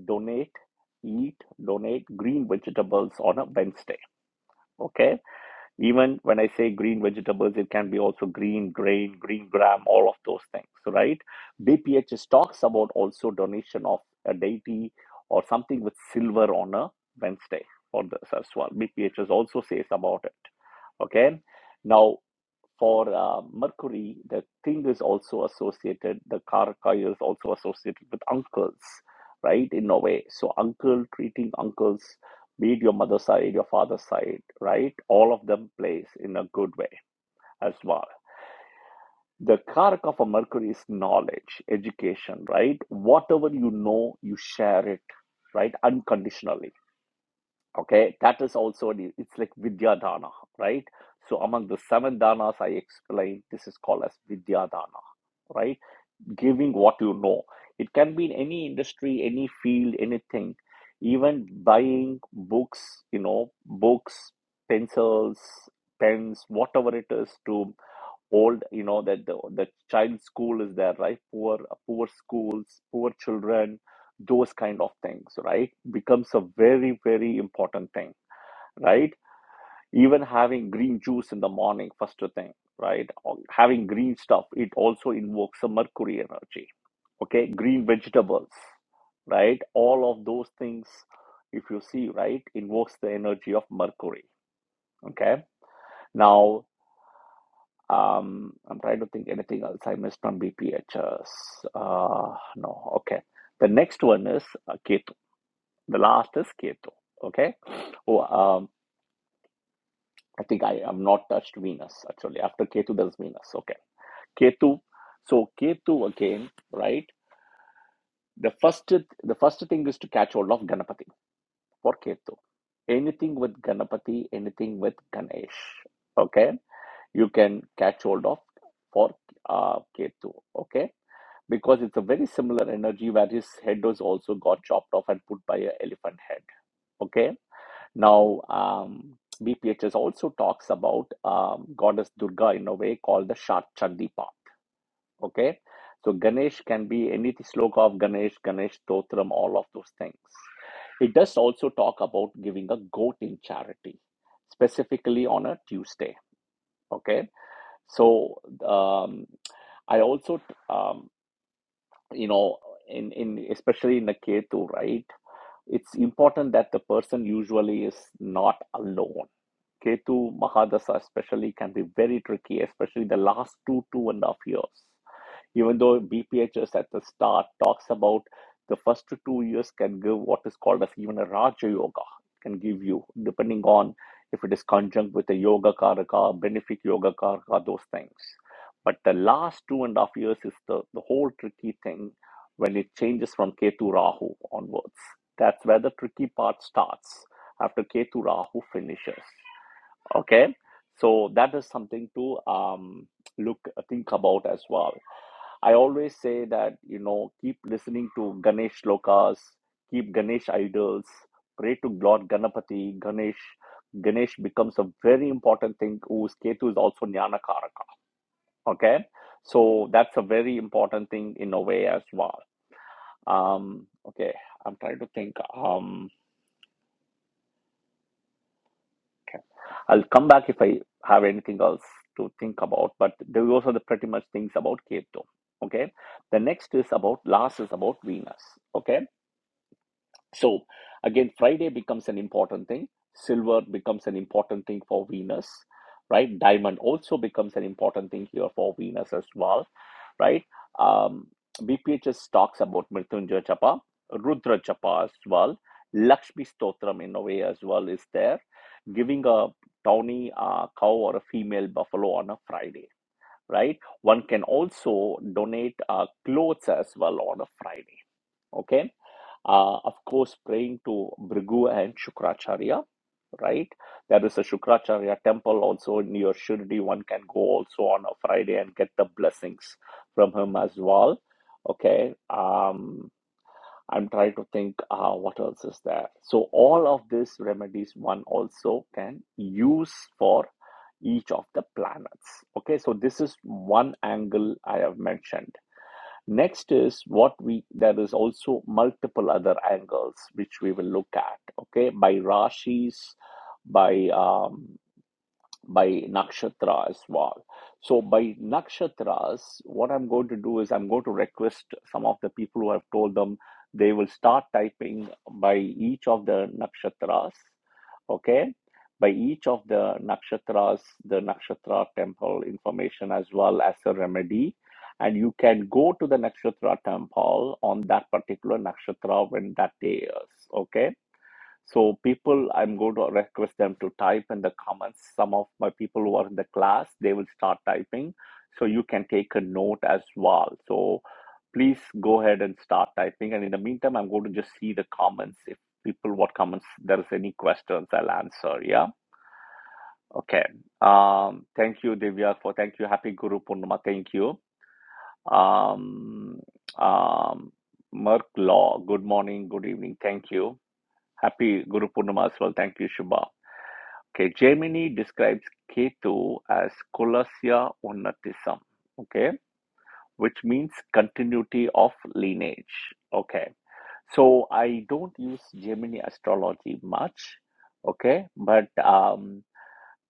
Speaker 1: donate, eat, donate green vegetables on a Wednesday. Okay. Even when I say green vegetables, it can be also green grain, green gram, all of those things, right? BPHS talks about also donation of a deity or something with silver on a Wednesday for this as well. BPHS also says about it. Okay. now for uh, Mercury, the king is also associated, the Karaka is also associated with uncles, right? In a way. So, uncle treating uncles, be it your mother's side, your father's side, right? All of them plays in a good way as well. The Karaka for Mercury is knowledge, education, right? Whatever you know, you share it, right? Unconditionally Okay, that is also the, it's like Vidya Dana, right? So among the seven danas I explained, this is called as Vidya Dana, right? Giving what you know. It can be in any industry, any field, anything. Even buying books, you know, books, pencils, pens, whatever it is to old, you know, that the the child school is there, right? Poor poor schools, poor children, those kind of things, right? Becomes a very, very important thing right? Even having green juice in the morning, first thing, right? Or Having green stuff, it also invokes a mercury energy, okay? Green vegetables, right? All of those things, if you see, right, invokes the energy of mercury, okay? Now, um, I'm trying to think anything else I missed on BPHS. Uh, no, okay. The next one is uh, Ketu. The last is Ketu, okay? oh, um I think I have not touched Venus actually. After Ketu, there's Venus. Okay, Ketu. So Ketu again, right? The first the first thing is to catch hold of Ganapati for Ketu. Anything with Ganapati, anything with Ganesh. Okay, you can catch hold of for uh, Ketu. Okay, because it's a very similar energy where his head was also got chopped off and put by an elephant head. Okay, Now, um, BPHS also talks about um, goddess Durga in a way called the Shat Chandi Path, Okay, so Ganesh can be any sloka of Ganesh, Ganesh Totram, all of those things. It does also talk about giving a goat in charity, specifically on a Tuesday. Okay, so um, I also, um, you know, in in especially in a Ketu, right? It's important that the person usually is not alone Ketu Mahadasa especially can be very tricky, especially the last two, two and a half years. Even though BPHS at the start talks about the first two years can give what is called as even a Raja Yoga, can give you, depending on if it is conjunct with a Yoga Karaka, Benefic Yoga Karaka, those things. But the last two and a half years is the, the whole tricky thing when it changes from Ketu Rahu onwards. That's where the tricky part starts after Ketu Rahu finishes. Okay, so that is something to um, look uh, think about as well. I always say that you know keep listening to Ganesh lokas, keep Ganesh idols, pray to Lord Ganapati. Ganesh, Ganesh becomes a very important thing. Whose Ketu is also Nyanakaraka. Okay, so that's a very important thing in a way as well. Um, okay, I'm trying to think. Um, I'll come back if I have anything else to think about, but those are the pretty much things about Cato. Okay. The next is about last is about Venus. Okay. So again, Friday becomes an important thing. Silver becomes an important thing for Venus, right? Diamond also becomes an important thing here for Venus as well, right? Um, BPHS talks about Mrityunjaya Japa, Rudra Japa as well. Lakshmi Stotram in a way as well is there, giving a tawny uh, cow or a female buffalo on a Friday, right? One can also donate uh, clothes as well on a Friday, okay? Uh, of course, praying to Bhrigu and Shukracharya, right? There is a Shukracharya temple also near Shirdi. One can go also on a Friday and get the blessings from him as well. Okay. Um, I'm trying to think uh, what else is there. So, all of these remedies one also can use for each of the planets. Okay. So, this is one angle I have mentioned Next is what we there is also multiple other angles which we will look at. Okay, by rashis, by um, by nakshatra as well. So by nakshatras, what I'm going to do is I'm going to request some of the people who have told them they will start typing by each of the nakshatras. Okay, by each of the nakshatras, the nakshatra temple information as well as a remedy. And you can go to the nakshatra temple on that particular nakshatra when that day is. Okay so people, I'm going to request them to type in the comments. Some of my people who are in the class, they will start typing. So you can take a note as well. So please go ahead and start typing. And in the meantime, I'm going to just see the comments. If people, what comments, there is any questions, I'll answer. Yeah. Okay. Um, thank you, Divya, for thank you. Happy Guru Purnima. Thank you. Um, um, Merck Law. Good morning. Good evening. Thank you. Happy Guru Purnima as well. Thank you, Shubha. Okay, Gemini describes Ketu as Colossia Unatism, okay, which means continuity of lineage. Okay, so I don't use Gemini astrology much, okay, but um,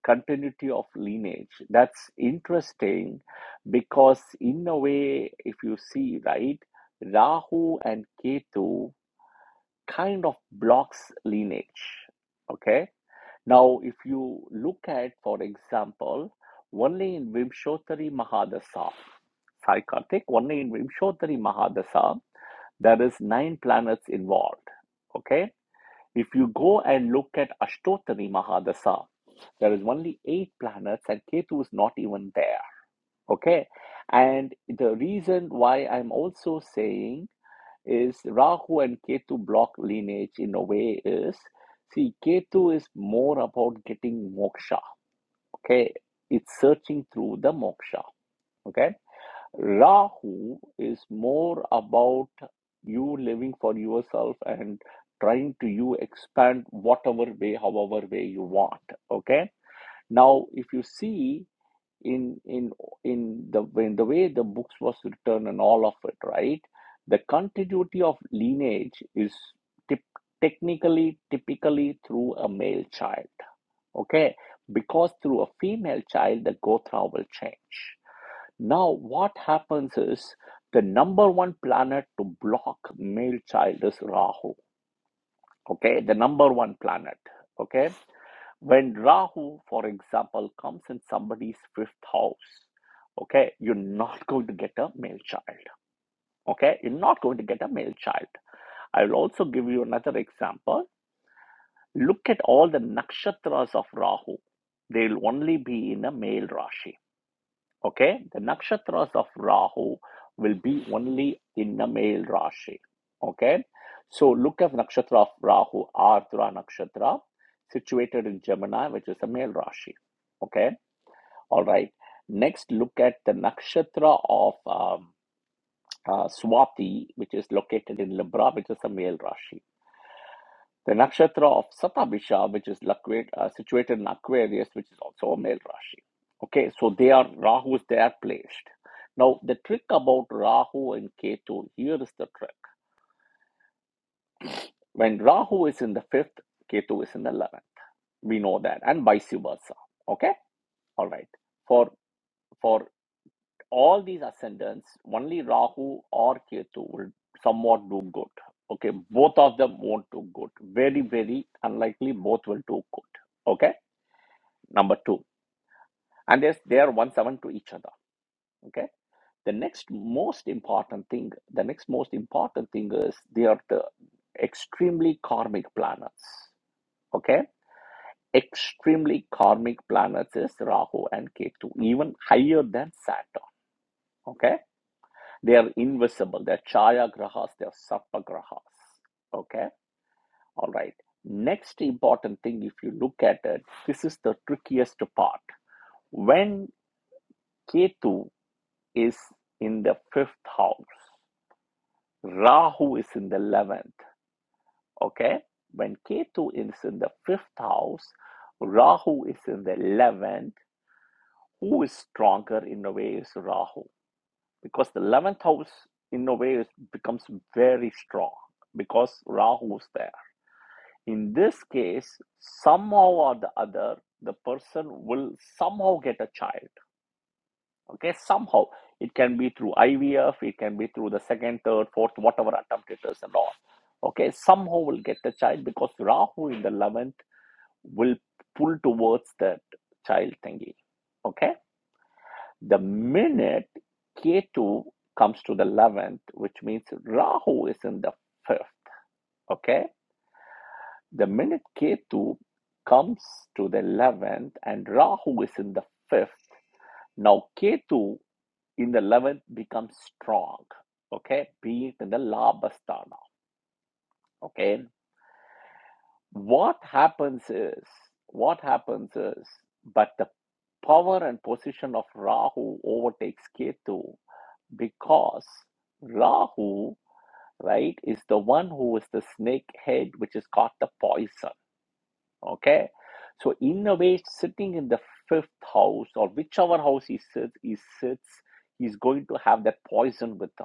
Speaker 1: continuity of lineage that's interesting because, in a way, if you see right, Rahu and Ketu kind of blocks lineage, okay now, if you look at, for example, only in Vimshotari Mahadasa, Sai Karthik, only in Vimshotari Mahadasa, there is nine planets involved. Okay? If you go and look at Ashtotari Mahadasa, there is only eight planets and Ketu is not even there. Okay? And the reason why I'm also saying is Rahu and Ketu block lineage in a way is see, Ketu is more about getting moksha Okay, it's searching through the moksha. Okay, Rahu is more about you living for yourself and trying to you expand whatever way, however way you want. Okay, now if you see in in in the in the way the books was written and all of it, right? The continuity of lineage is tip, technically typically through a male child okay because through a female child the gotra will change now what happens is the number one planet to block male child is rahu okay the number one planet okay when rahu for example comes in somebody's fifth house okay you're not going to get a male child okay you're not going to get a male child i'll also give you another example look at all the nakshatras of rahu they'll only be in a male rashi Okay, the nakshatras of Rahu will be only in the male Rashi. Okay, so look at nakshatra of Rahu, Ardra nakshatra, situated in Gemini, which is a male Rashi. Okay, all right. Next, look at the nakshatra of um, uh, Swati, which is located in Libra, which is a male Rashi. The nakshatra of Satabisha, which is locate- uh, situated in Aquarius, which is also a male Rashi. Okay, so they are Rahu's, they are placed. Now, the trick about Rahu and Ketu, here is the trick. When Rahu is in the fifth, Ketu is in the eleventh. We know that, and vice versa. Okay, all right. For for all these ascendants, only Rahu or Ketu will somewhat do good. Okay, both of them won't do good. Very, very unlikely both will do good. Okay, number two. and there's, they are one seven to each other okay the next most important thing the next most important thing is they are the extremely karmic planets okay extremely karmic planets is rahu and ketu even higher than saturn okay they are invisible they're chaya grahas they're sarpa grahas okay all right next important thing if you look at it this is the trickiest part when ketu is in the fifth house. Rahu is in the 11th. Okay? When Ketu is in the fifth house, Rahu is in the 11th. Who is stronger in a way is Rahu. Because the 11th house in a way is, becomes very strong because Rahu is there. In this case, somehow or the other, the person will somehow get a child okay somehow it can be through ivf it can be through the second third fourth whatever attempt it is and all okay somehow will get the child because rahu in the 11th will pull towards that child thingy okay the minute Ketu comes to the 11th which means rahu is in the 5th okay the minute Ketu comes to the 11th and rahu is in the 5th now Ketu. in the 11th becomes strong okay being in the labastana okay what happens is what happens is but the power and position of rahu overtakes ketu because rahu right is the one who is the snake head which is caught the poison okay so in a way sitting in the fifth house or whichever house he sits he sits he's going to have that poison with him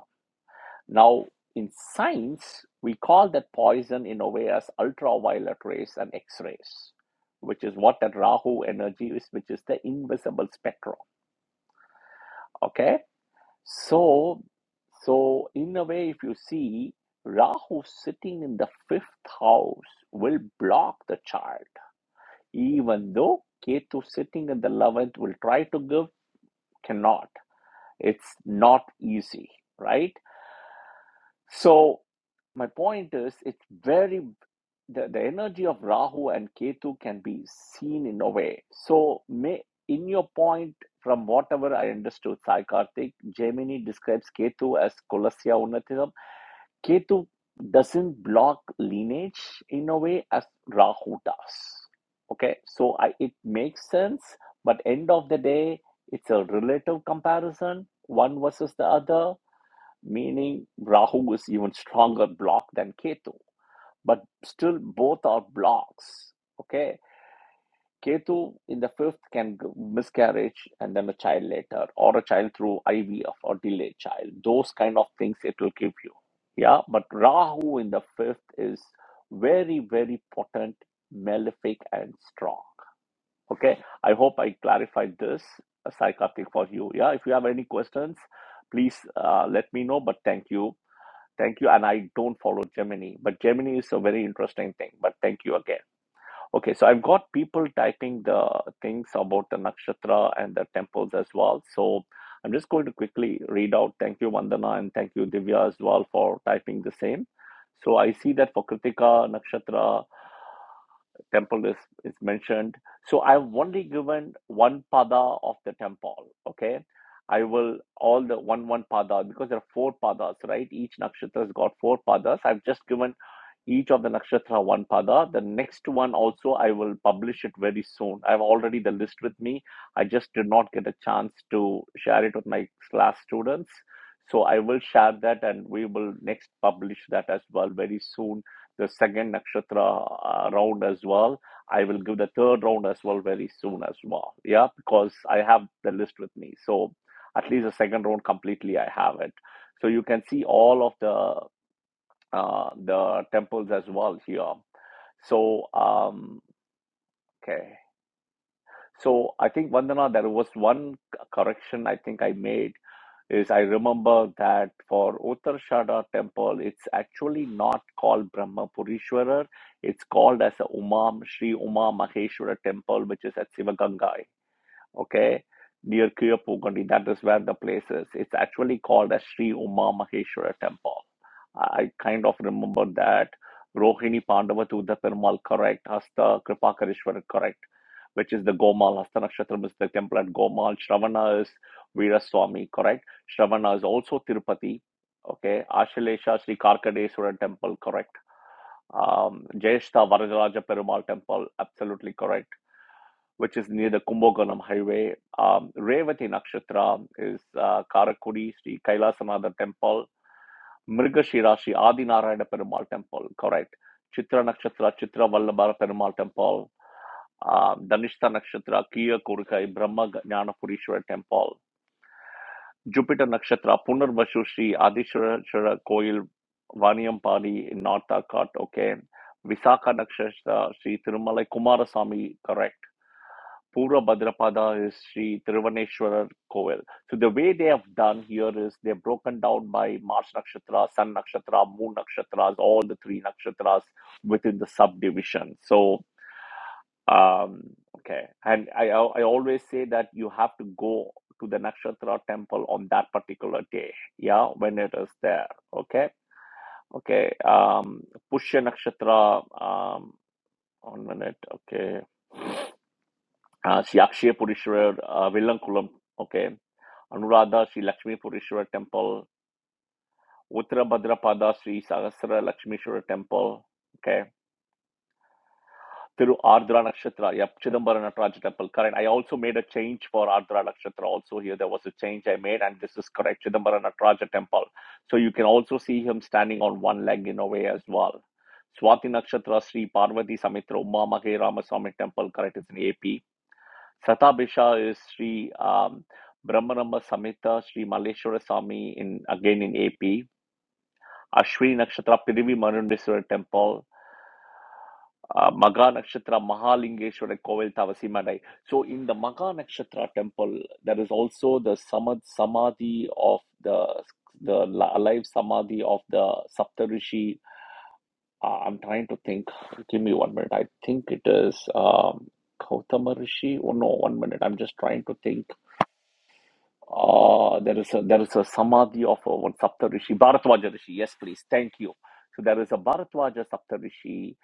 Speaker 1: Now, in science, we call that poison in a way as ultraviolet rays and X rays, which is what that Rahu energy is, which is the invisible spectrum. Okay, so so in a way, if you see Rahu sitting in the fifth house will block the child, even though Ketu sitting in the eleventh will try to give, cannot. It's not easy, right? So my point is, it's very the, the energy of Rahu and Ketu can be seen in a way. So may in your point, from whatever I understood, Sai Karthik, Gemini describes Ketu as Kulasya Unnatism. Ketu doesn't block lineage in a way as Rahu does. Okay, so I, it makes sense, but end of the day, it's a relative comparison, one versus the other meaning Rahu is even stronger block than Ketu. But still, both are blocks. Okay, Ketu in the fifth can miscarriage and then a child later, or a child through IVF or delayed child. Those kind of things it will give you. Yeah, but Rahu in the fifth is very very potent, malefic and strong. Okay, I hope I clarified this, uh, Sai Karthik, for you. Yeah, if you have any questions, please uh, let me know. But thank you Thank you. And I don't follow Gemini, but Gemini is a very interesting thing. But thank you again. Okay, so I've got people typing the things about the nakshatra and the temples as well. So I'm just going to quickly read out. Thank you, Vandana, and thank you, Divya, as well, for typing the same. So I see that for Kritika, nakshatra, temple is, is mentioned. So I've only given one pada of the temple. Okay. I will all the one one pada because there are four padas, right? Each nakshatra has got four padas. I've just given each of the nakshatra one pada. The next one also, I will publish it very soon. I have already the list with me. I just did not get a chance to share it with my class students. So I will share that and we will next publish that as well very soon. The second nakshatra uh, round as well. I will give the third round as well very soon as well. Yeah, because I have the list with me. So at least the second round completely I have it. So you can see all of the uh, the temples as well here. So, um, okay. So I think Vandana, there was one correction I think I made is I remember that for Uttarshada temple, it's actually not called Brahmapurishwarar. It's called as a Umam Shri Uma Maheshwara temple, which is at Sivaganga okay, near Kiyapugandi. That is where the place is. It's actually called as Sri Uma Maheshwara Temple. I kind of remember that. Rohini Pandava to Perumal, correct. Hasta Kripakarishwara, correct. Which is the Gomal. Hasta Nakshatram is the temple at Gomal. Shravana is Veeraswamy, correct. Shravana is also Tirupati. Okay. Ashilesha Sri Karkadeswara Temple, correct um, Jayeshta Varajaraja Perumal temple, absolutely correct which is near the Kumbakonam highway. Um, Revati Nakshatra is uh, Karakudi, Sri Kailasanatha temple, Mrigashira, Sri Adinarayana Perumal temple, correct. Chitra Nakshatra, Chitra Vallabhara Perumal temple, um, Danishta Nakshatra, Kiya Kurukai, Brahma Jnanapurishwara temple, Jupiter Nakshatra, Punarvasu Sri Adishwara Koil, Vaniyampadi in North Arcot, okay. Visakha Nakshatra, Sri Tirumala Kumarasamy, correct. Purva Bhadrapada is Sri Thiruvaneshwarar Koil. So the way they have done here is they've broken down by March Nakshatra, Sun Nakshatra, Moon Nakshatras, all the three nakshatras within the subdivision. So um, okay, and I I I always say that you have to go to the nakshatra temple on that particular day, yeah, when it is there. Okay, okay. Um, Pushya Nakshatra. Um, one minute. Okay. Uh, Siyakshya Purishwarar uh, Villankulam. Okay. Anuradha Sri Lakshmi Purishwara Temple, Uttarabhadrapada Sri Sahasra Lakshmishwara Temple, okay, Thiru Ardra Nakshatra, yep, Chidambara Nataraja Temple, correct. I also made a change for Ardra Nakshatra also here. There was a change I made, and this is correct, Chidambara Nataraja Temple. So you can also see him standing on one leg in a way as well. Swati Nakshatra Sri Parvati Samitra Uma Mahe Ramaswamy Temple, correct, it's in AP. Satabhisha is Sri um, Brahmanama Samhita, Sri Maleshwara Swami in again in AP. Ashwini Nakshatra Pirivi Manundeswara Temple, uh, Magha Nakshatra Mahalingeshwara Kovel Tavasimandai. So in the Magha Nakshatra temple, there is also the samad samadhi of the the la- alive samadhi of the Saptarishi. Uh, I'm trying to think. Give me one minute. I think it is um, Gautama Rishi. Oh no, one minute. I'm just trying to think. Ah, there is a there is a samadhi of uh, one Saptarishi, Bharatwaja Rishi. Yes, please. Thank you. So there is a Bharatwaja Saptarishi.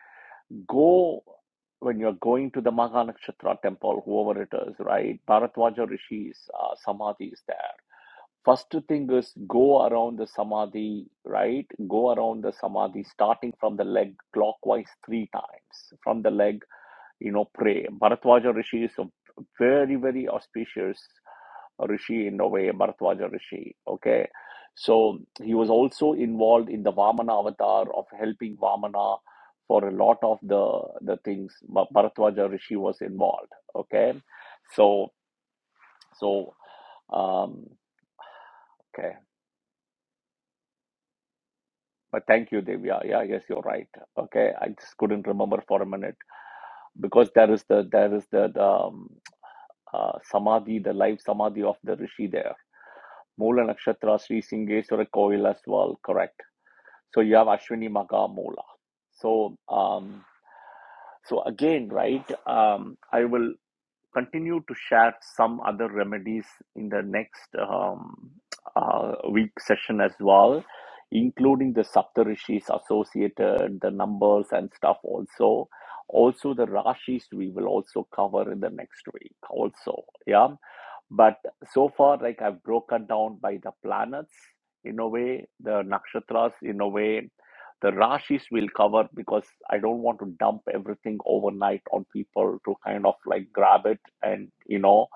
Speaker 1: Go when you're going to the Mahanakshatra temple, whoever it is, right? Bharatwaja Rishi's uh, samadhi is there. First thing is go around the samadhi, right? Go around the samadhi, starting from the leg clockwise three times. From the leg, you know, pray. Bharatwaja Rishi is a very, very auspicious. Rishi in a way, Bharadwaja Rishi. Okay. So he was also involved in the Vamana avatar of helping Vamana for a lot of the the things. Bha- Bharadwaja Rishi was involved. Okay. So so um okay. But thank you, Devya. Yeah, yeah, yes, you're right. Okay. I just couldn't remember for a minute. Because there is the there is the, the um, uh, samadhi, the live samadhi of the Rishi there. Moola Nakshatra Sri Singeswara Koil as well, correct So you have Ashwini Magha Mola. So um, so again, right? Um, I will continue to share some other remedies in the next um, uh, week session as well, including the Saptarishis associated, the numbers and stuff also. Also, the Rashis we will also cover in the next week also. Yeah but so far, like I've broken down by the planets in a way, the nakshatras in a way, the rashis will cover because I don't want to dump everything overnight on people to kind of like grab it and you know,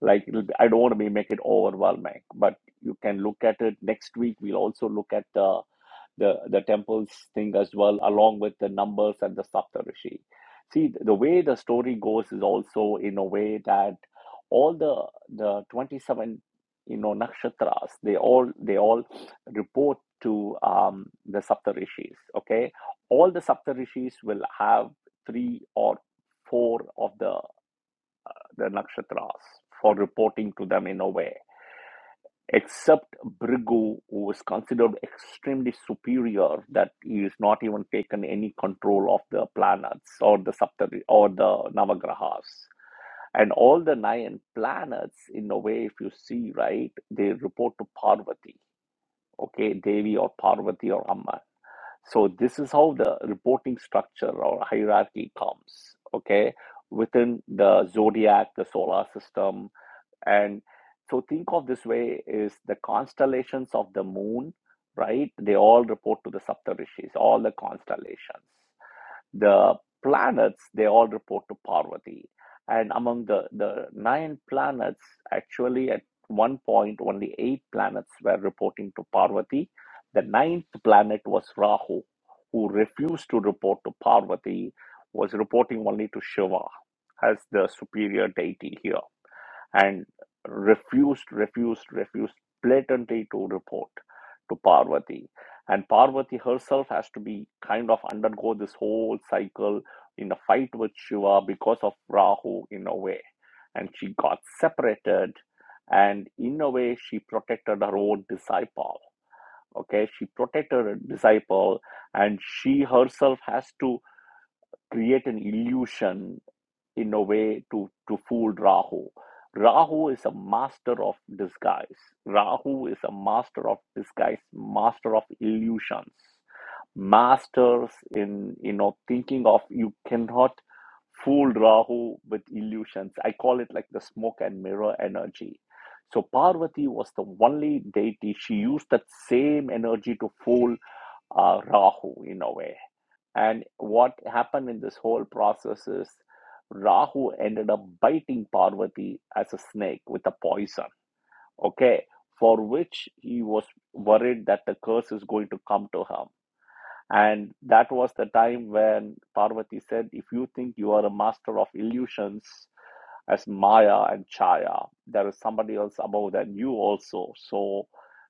Speaker 1: like it'll be, I don't want to be make it overwhelming. But you can look at it next week. We'll also look at the the, the temples thing as well, along with the numbers and the Saptarishi. See, the way the story goes is also in a way that all the the 27 you know nakshatras they all they all report to um, the Saptarishis. Okay, all the Saptarishis will have three or four of the the nakshatras for reporting to them in a way except Brigu, who is considered extremely superior, that he is not even taken any control of the planets or the Saptari or the Navagrahas. And all the nine planets, in a way, if you see right, they report to Parvati, okay, Devi or Parvati or Amma. So this is how the reporting structure or hierarchy comes, okay, within the zodiac, the solar system, and so think of this way is the constellations of the moon, right? They all report to the Saptarishis, all the constellations. The planets, they all report to Parvati. And among the, the nine planets, actually at one point only eight planets were reporting to Parvati. The ninth planet was Rahu, who refused to report to Parvati, was reporting only to Shiva as the superior deity here and refused, refused, refused blatantly to report to Parvati. And Parvati herself has to be kind of undergo this whole cycle in a fight with Shiva because of Rahu in a way. And she got separated, and in a way, she protected her own disciple. Okay, she protected her disciple, and she herself has to create an illusion in a way to, to fool Rahu. Rahu is a master of disguise. Rahu is a master of disguise, master of illusions, masters in you know thinking of you cannot fool Rahu with illusions. I call it like the smoke and mirror energy. So Parvati was the only deity. She used that same energy to fool uh, Rahu in a way and what happened in this whole process is Rahu ended up biting Parvati as a snake with a poison, okay, for which he was worried that the curse is going to come to him. And that was the time when Parvati said, If you think you are a master of illusions as Maya and Chaya, there is somebody else above than you also. So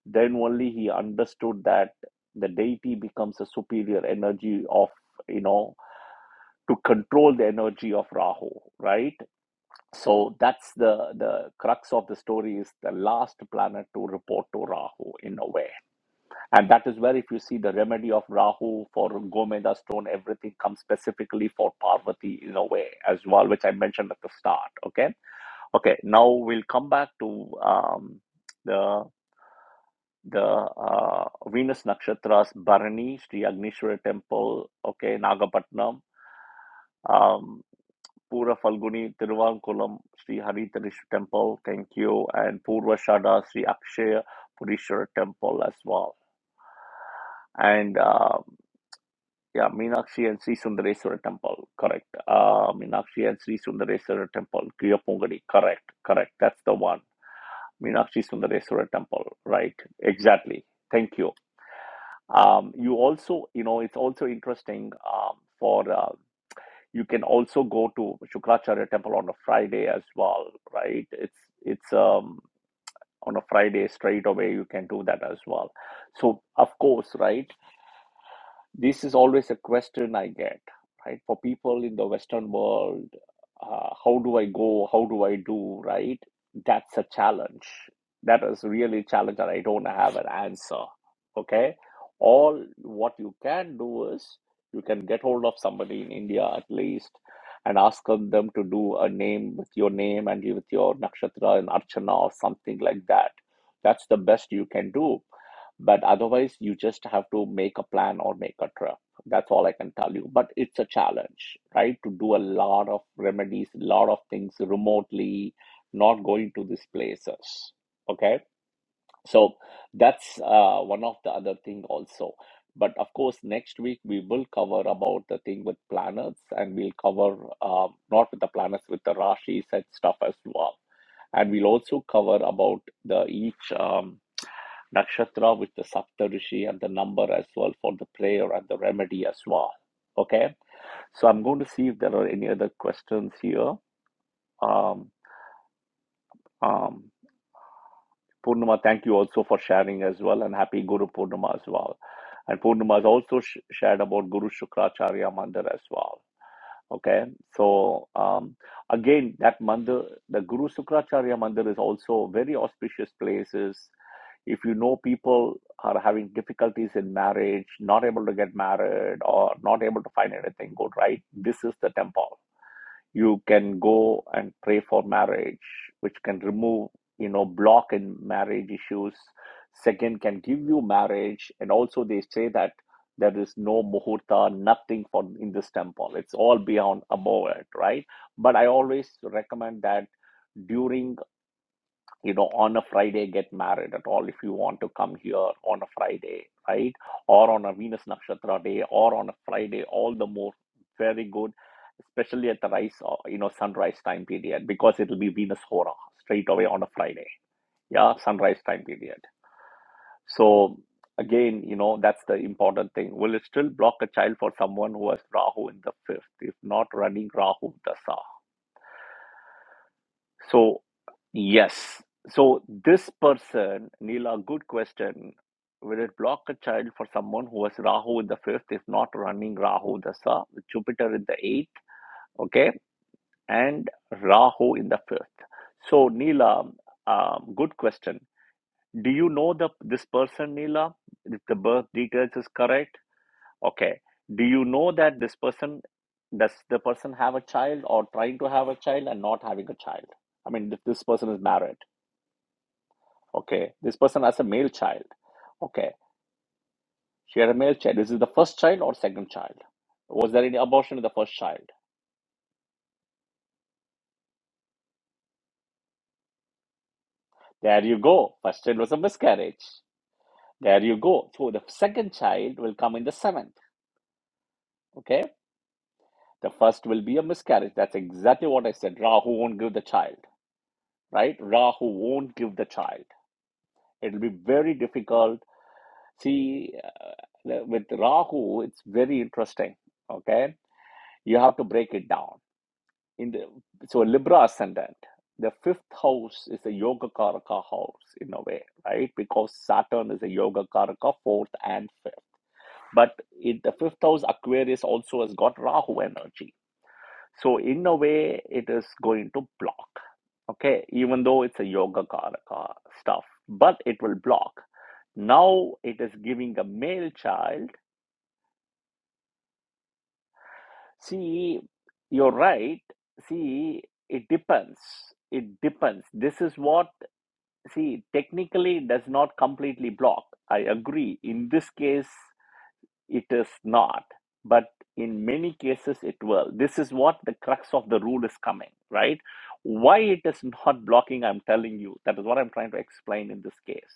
Speaker 1: then only he understood that the deity becomes a superior energy of you know to control the energy of Rahu, right? So that's the, the crux of the story is the last planet to report to Rahu in a way. And that is where if you see the remedy of Rahu for Gomeda stone, everything comes specifically for Parvati in a way as well, which I mentioned at the start. Okay. Okay. Now we'll come back to um, the the uh, Venus Nakshatras, Bharani, Sri Agnishwara Temple, okay, Nagapatnam. Um, Pura Purafalguni, Tiruvankulam, Sri Haritharesh Temple, thank you, and Purva Shada Sri Akshaya Purishwara Temple as well. And uh, yeah, Meenakshi and Sri Sundareswara Temple, correct. Uh, Meenakshi and Sri Sundareswara Temple, Kiyapungadi, correct, correct. That's the one. Meenakshi Sundareswara Temple, right, exactly. Thank you. Um, you also, you know, it's also interesting um, for uh, you can also go to Shukracharya temple on a Friday as well, right? It's it's um on a Friday straight away you can do that as well. So of course, right? This is always a question I get, right? For people in the Western world, uh, how do I go? How do I do? Right? That's a challenge. That is really a challenge that I don't have an answer. Okay. All what you can do is you can get hold of somebody in India at least and ask them them to do a name with your name and with your nakshatra and archana or something like that. That's the best you can do but otherwise, you just have to make a plan or make a trip. That's all I can tell you. But it's a challenge, right? To do a lot of remedies, a lot of things remotely, not going to these places. Okay. So that's uh, one of the other thing also. But of course, next week we will cover about the thing with planets and we'll cover uh, not with the planets, with the rashis and stuff as well. And we'll also cover about the each. Um, nakshatra with the Saptarishi and the number as well for the prayer and the remedy as well. Okay, so I'm going to see if there are any other questions here. Um, um, Purnima, thank you also for sharing as well, and happy Guru Purnima as well. And Purnima has also sh- shared about Guru Shukracharya Mandir as well. Okay, so um, again, that mandir, the Guru Shukracharya Mandir is also very auspicious places if you know people are having difficulties in marriage, not able to get married, or not able to find anything good, right? This is the temple. You can go and pray for marriage, which can remove, you know, block in marriage issues. Second, can give you marriage, and also they say that there is no muhurta, nothing for in this temple. It's all beyond above it, right? But I always recommend that during you know on a friday get married at all if you want to come here on a friday right or on a venus nakshatra day or on a friday all the more very good especially at the rise you know sunrise time period because it will be venus hora straight away on a friday yeah sunrise time period so again you know that's the important thing will it still block a child for someone who has rahu in the fifth if not running rahu dasa So, yes. So, this person, Neela, good question. Will it block a child for someone who has Rahu in the fifth is not running Rahu Dasa with Jupiter in the eighth, okay, and Rahu in the fifth? So, Neela, um, good question. Do you know the this person, Neela? If the birth details is correct, okay. Do you know that this person does the person have a child or trying to have a child and not having a child? I mean, if this person is married. Okay, this person has a male child. Okay, she had a male child. This is it the first child or second child? Was there any abortion in the first child? There you go. First child was a miscarriage. There you go. So the second child will come in the seventh. Okay, the first will be a miscarriage. That's exactly what I said. Rahu won't give the child, right? Rahu won't give the child. It'll be very difficult. See, uh, with Rahu, it's very interesting. Okay, you have to break it down in the so libra ascendant the fifth house is a yoga karaka house in a way right because saturn is a yoga karaka fourth and fifth but in the fifth house aquarius also has got rahu energy so in a way it is going to block okay even though it's a yoga karaka stuff but it will block now it is giving a male child see you're right see it depends it depends this is what see technically it does not completely block i agree in this case it is not but in many cases it will this is what the crux of the rule is coming right why it is not blocking i'm telling you that is what i'm trying to explain in this case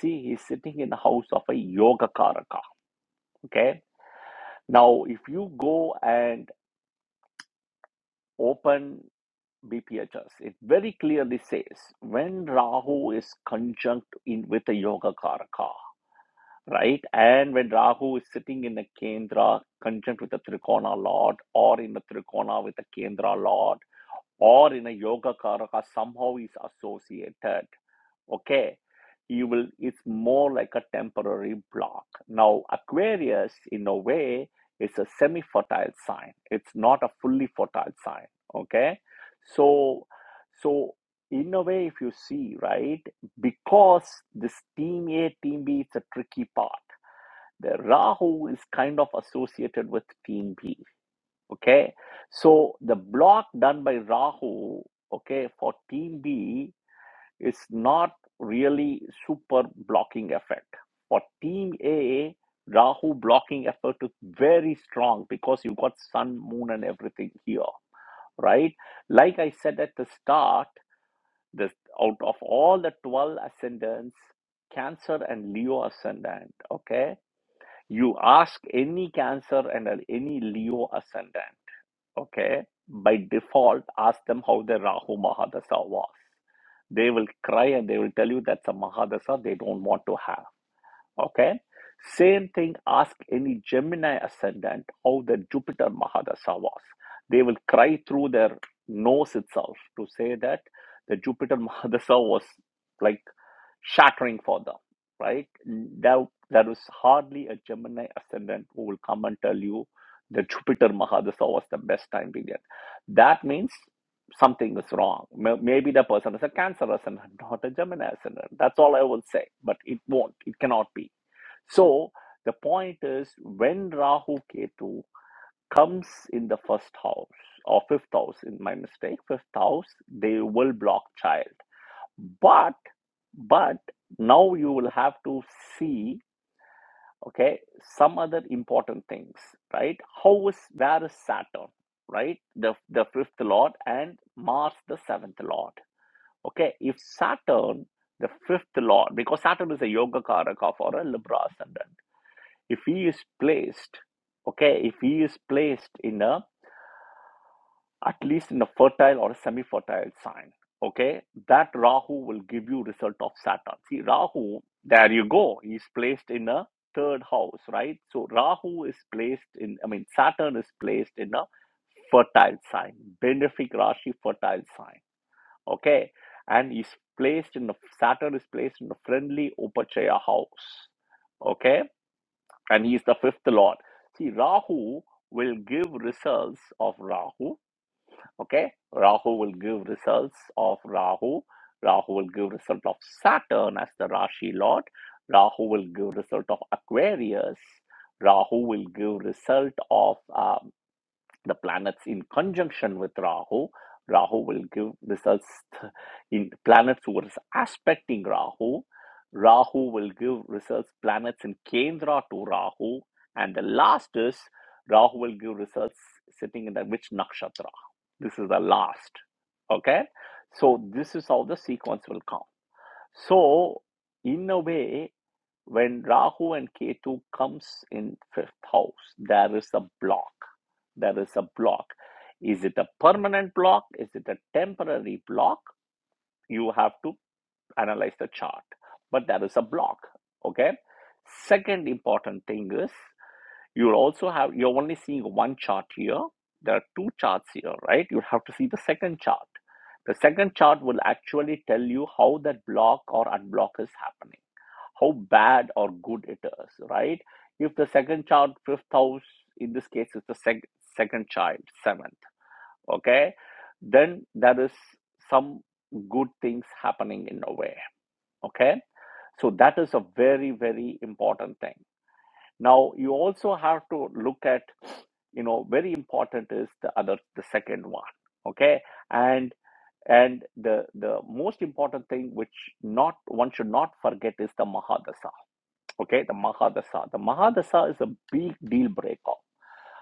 Speaker 1: see he's sitting in the house of a yoga karaka okay now if you go and open bphs it very clearly says when rahu is conjunct in with a yoga karaka right? And when Rahu is sitting in a Kendra conjunct with a Trikona Lord or in a Trikona with a Kendra Lord or in a Yoga Karaka, somehow is associated. Okay. You will, it's more like a temporary block. Now, Aquarius, in a way, is a semi fertile sign, it's not a fully fertile sign. Okay. So, so in a way, if you see, right, because this team A, team B, it's a tricky part the rahu is kind of associated with team b okay so the block done by rahu okay for team b is not really super blocking effect for team a rahu blocking effect is very strong because you got sun moon and everything here right like i said at the start this out of all the 12 ascendants cancer and leo ascendant okay you ask any Cancer and any Leo ascendant, okay, by default, ask them how their Rahu Mahadasha was. They will cry and they will tell you that's a Mahadasha they don't want to have, okay? Same thing, ask any Gemini ascendant how their Jupiter Mahadasha was. They will cry through their nose itself to say that the Jupiter Mahadasha was like shattering for them, right? There, there is hardly a Gemini ascendant who will come and tell you that Jupiter Mahadasha was the best time period. That means something is wrong. May- Maybe the person is a Cancer ascendant, not a Gemini ascendant. That's all I will say, but it won't, it cannot be. So the point is when Rahu Ketu comes in the first house or fifth house, in my mistake, fifth house, they will block child but but now you will have to see okay some other important things right how is where is saturn right the the fifth lord and mars the seventh lord okay if saturn the fifth lord because saturn is a yoga karaka for a libra ascendant if he is placed okay if he is placed in a at least in a fertile or a semi-fertile sign okay that rahu will give you result of saturn see rahu there you go he's placed in a third house right so rahu is placed in i mean saturn is placed in a fertile sign benefic rashi fertile sign okay and he's placed in a saturn is placed in a friendly upachaya house okay and he's the fifth lord see rahu will give results of rahu okay rahu will give results of rahu rahu will give result of saturn as the rashi lord rahu will give result of aquarius rahu will give result of um, the planets in conjunction with Rahu. Rahu will give results in planets who are aspecting Rahu. Rahu will give results planets in Kendra to Rahu. And the last is Rahu will give results sitting in the which nakshatra. This is the last. Okay. So this is how the sequence will come. So in a way, when rahu and ketu comes in fifth house there is a block there is a block is it a permanent block is it a temporary block you have to analyze the chart but there is a block okay second important thing is you also have you're only seeing one chart here there are two charts here right you have to see the second chart the second chart will actually tell you how that block or unblock is happening how bad or good it is, right? If the second child, fifth house, in this case, is the sec- second child, seventh, okay, then there is some good things happening in a way, okay? So that is a very, very important thing. Now, you also have to look at, you know, very important is the other, the second one, okay? And and the the most important thing which not one should not forget is the mahadasa Okay, the Mahadasa. The Mahadasa is a big deal breaker.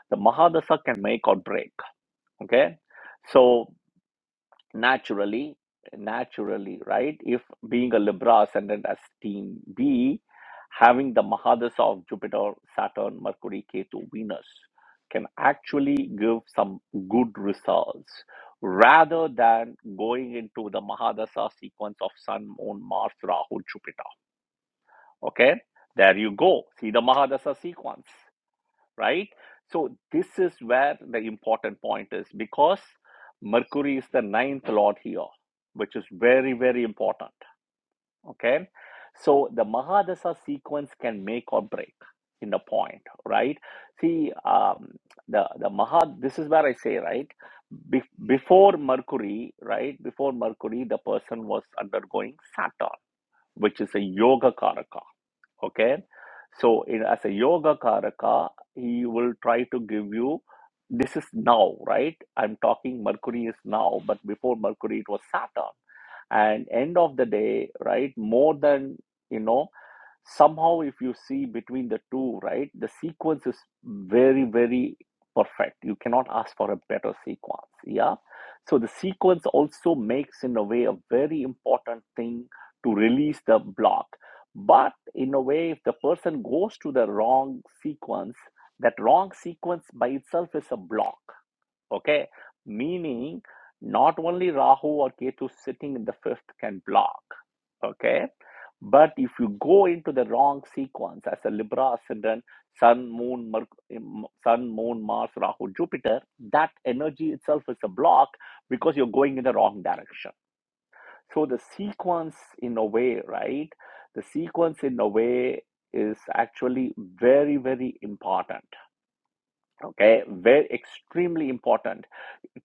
Speaker 1: The Mahadasa can make or break. Okay, so naturally, naturally, right? If being a Libra ascendant as team B, having the Mahadasa of Jupiter, Saturn, Mercury, Ketu, Venus can actually give some good results rather than going into the Mahadasa sequence of Sun, Moon, Mars, Rahu, Jupiter. Okay, there you go. See the Mahadasa sequence. right? So this is where the important point is because Mercury is the ninth lord here, which is very, very important. Okay. So the Mahadasa sequence can make or break in the point, right? See, um, the, the Maha, this is where I say, right? Be- before Mercury, right? Before Mercury, the person was undergoing Saturn, which is a yoga karaka okay so in as a yoga karaka he will try to give you this is now right i'm talking mercury is now but before mercury it was saturn and end of the day right more than you know somehow if you see between the two right the sequence is very very perfect you cannot ask for a better sequence yeah so the sequence also makes in a way a very important thing to release the block but in a way if the person goes to the wrong sequence that wrong sequence by itself is a block Okay, meaning not only Rahu or Ketu sitting in the fifth can block. Okay, but if you go into the wrong sequence as a Libra ascendant, Sun, Moon, Merc- um, Sun, Moon, Mars, Rahu, Jupiter, that energy itself is a block because you're going in the wrong direction. So the sequence, in a way, right? The sequence, in a way, is actually very, very important Okay, very extremely important.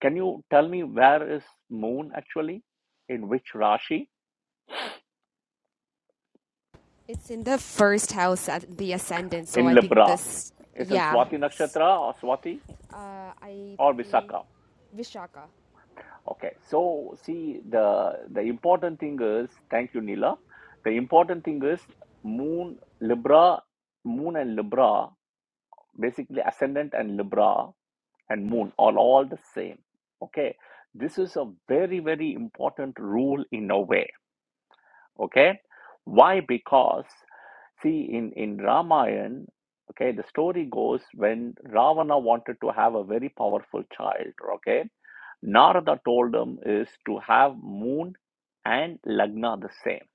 Speaker 1: Can you tell me where is moon actually? In which rashi?
Speaker 2: It's in the first house at the ascendant, so
Speaker 1: In
Speaker 2: I think
Speaker 1: Libra.
Speaker 2: this.
Speaker 1: It's in
Speaker 2: Yeah.
Speaker 1: Swati
Speaker 2: S-
Speaker 1: Nakshatra or Swati
Speaker 2: Uh, I
Speaker 1: or
Speaker 2: think
Speaker 1: Visakha.
Speaker 2: Vishaka.
Speaker 1: Okay, so see the the important thing is thank you, Neela. The important thing is moon, Libra, moon and Libra, basically ascendant and Libra and moon are all the same. Okay, this is a very, very important rule in a way okay why because see in in ramayan okay the story goes when ravana wanted to have a very powerful child okay narada told him is to have moon and lagna the same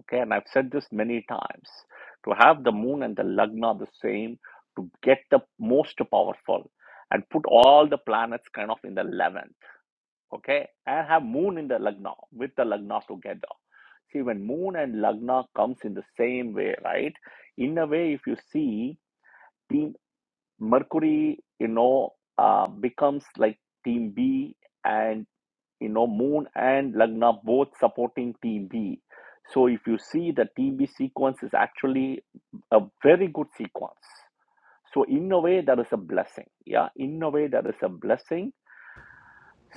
Speaker 1: okay and i've said this many times to have the moon and the lagna the same to get the most powerful and put all the planets kind of in the 11th okay, and have moon in the Lagna with the Lagna together. See, when moon and Lagna comes in the same way, right? In a way, if you see team Mercury, you know, uh, becomes like team B, and you know, moon and Lagna both supporting team B. So if you see the team B sequence is actually a very good sequence. So in a way, that is a blessing. Yeah, in a way, that is a blessing.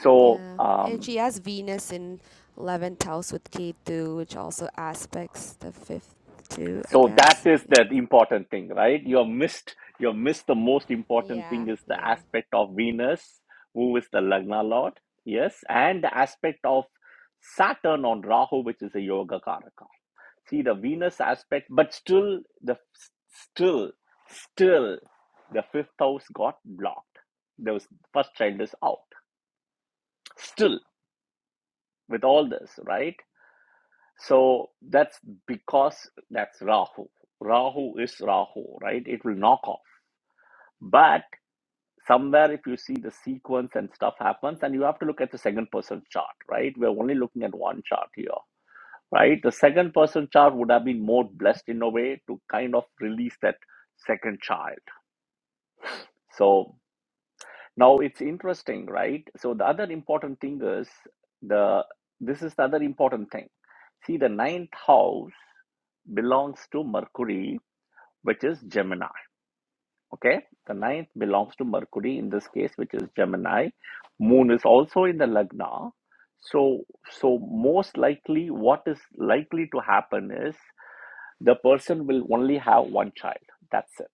Speaker 1: So
Speaker 2: Yeah, and
Speaker 1: um,
Speaker 2: she has Venus in eleventh house with Ketu, which also aspects the fifth too, I
Speaker 1: so that
Speaker 2: guess.
Speaker 1: is
Speaker 2: Yeah.
Speaker 1: the important thing right you have missed you have missed the most important
Speaker 2: Yeah.
Speaker 1: thing is the
Speaker 2: Yeah.
Speaker 1: aspect of venus who is the lagna lord yes and the aspect of saturn on rahu which is a yoga karaka see the venus aspect but still the still still the fifth house got blocked the first child is out still with all this right So that's because that's Rahu. Rahu is Rahu, right? It will knock off. But somewhere, if you see the sequence and stuff happens, and you have to look at the second person chart, right? We're only looking at one chart here, right? The second person chart would have been more blessed in a way to kind of release that second child. So now it's interesting, right? So the other important thing is the this is the other important thing. See, the ninth house belongs to Mercury, which is Gemini. Okay, the ninth belongs to Mercury in this case, which is Gemini. Moon is also in the Lagna. So, so most likely, what is likely to happen is the person will only have one child. That's it.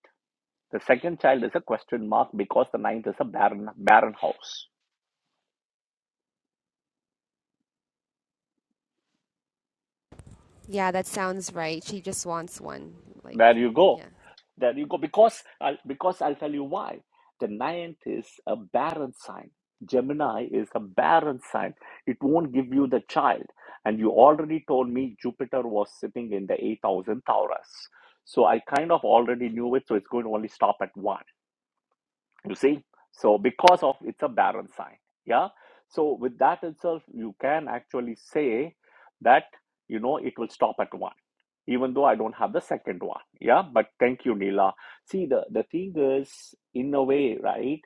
Speaker 1: The second child is a question mark because the ninth is a barren, barren house.
Speaker 2: Yeah, that sounds right. She just wants one. Like,
Speaker 1: There you go
Speaker 2: yeah.
Speaker 1: There you go. Because I'll, because I'll tell you why. The ninth is a barren sign. Gemini is a barren sign. It won't give you the child. And you already told me Jupiter was sitting in the 8000 Taurus. So I kind of already knew it. So it's going to only stop at one you see so because of it's a barren sign yeah so with that itself you can actually say that you know it will stop at one even though i don't have the second one yeah but thank you neela see the the thing is in a way right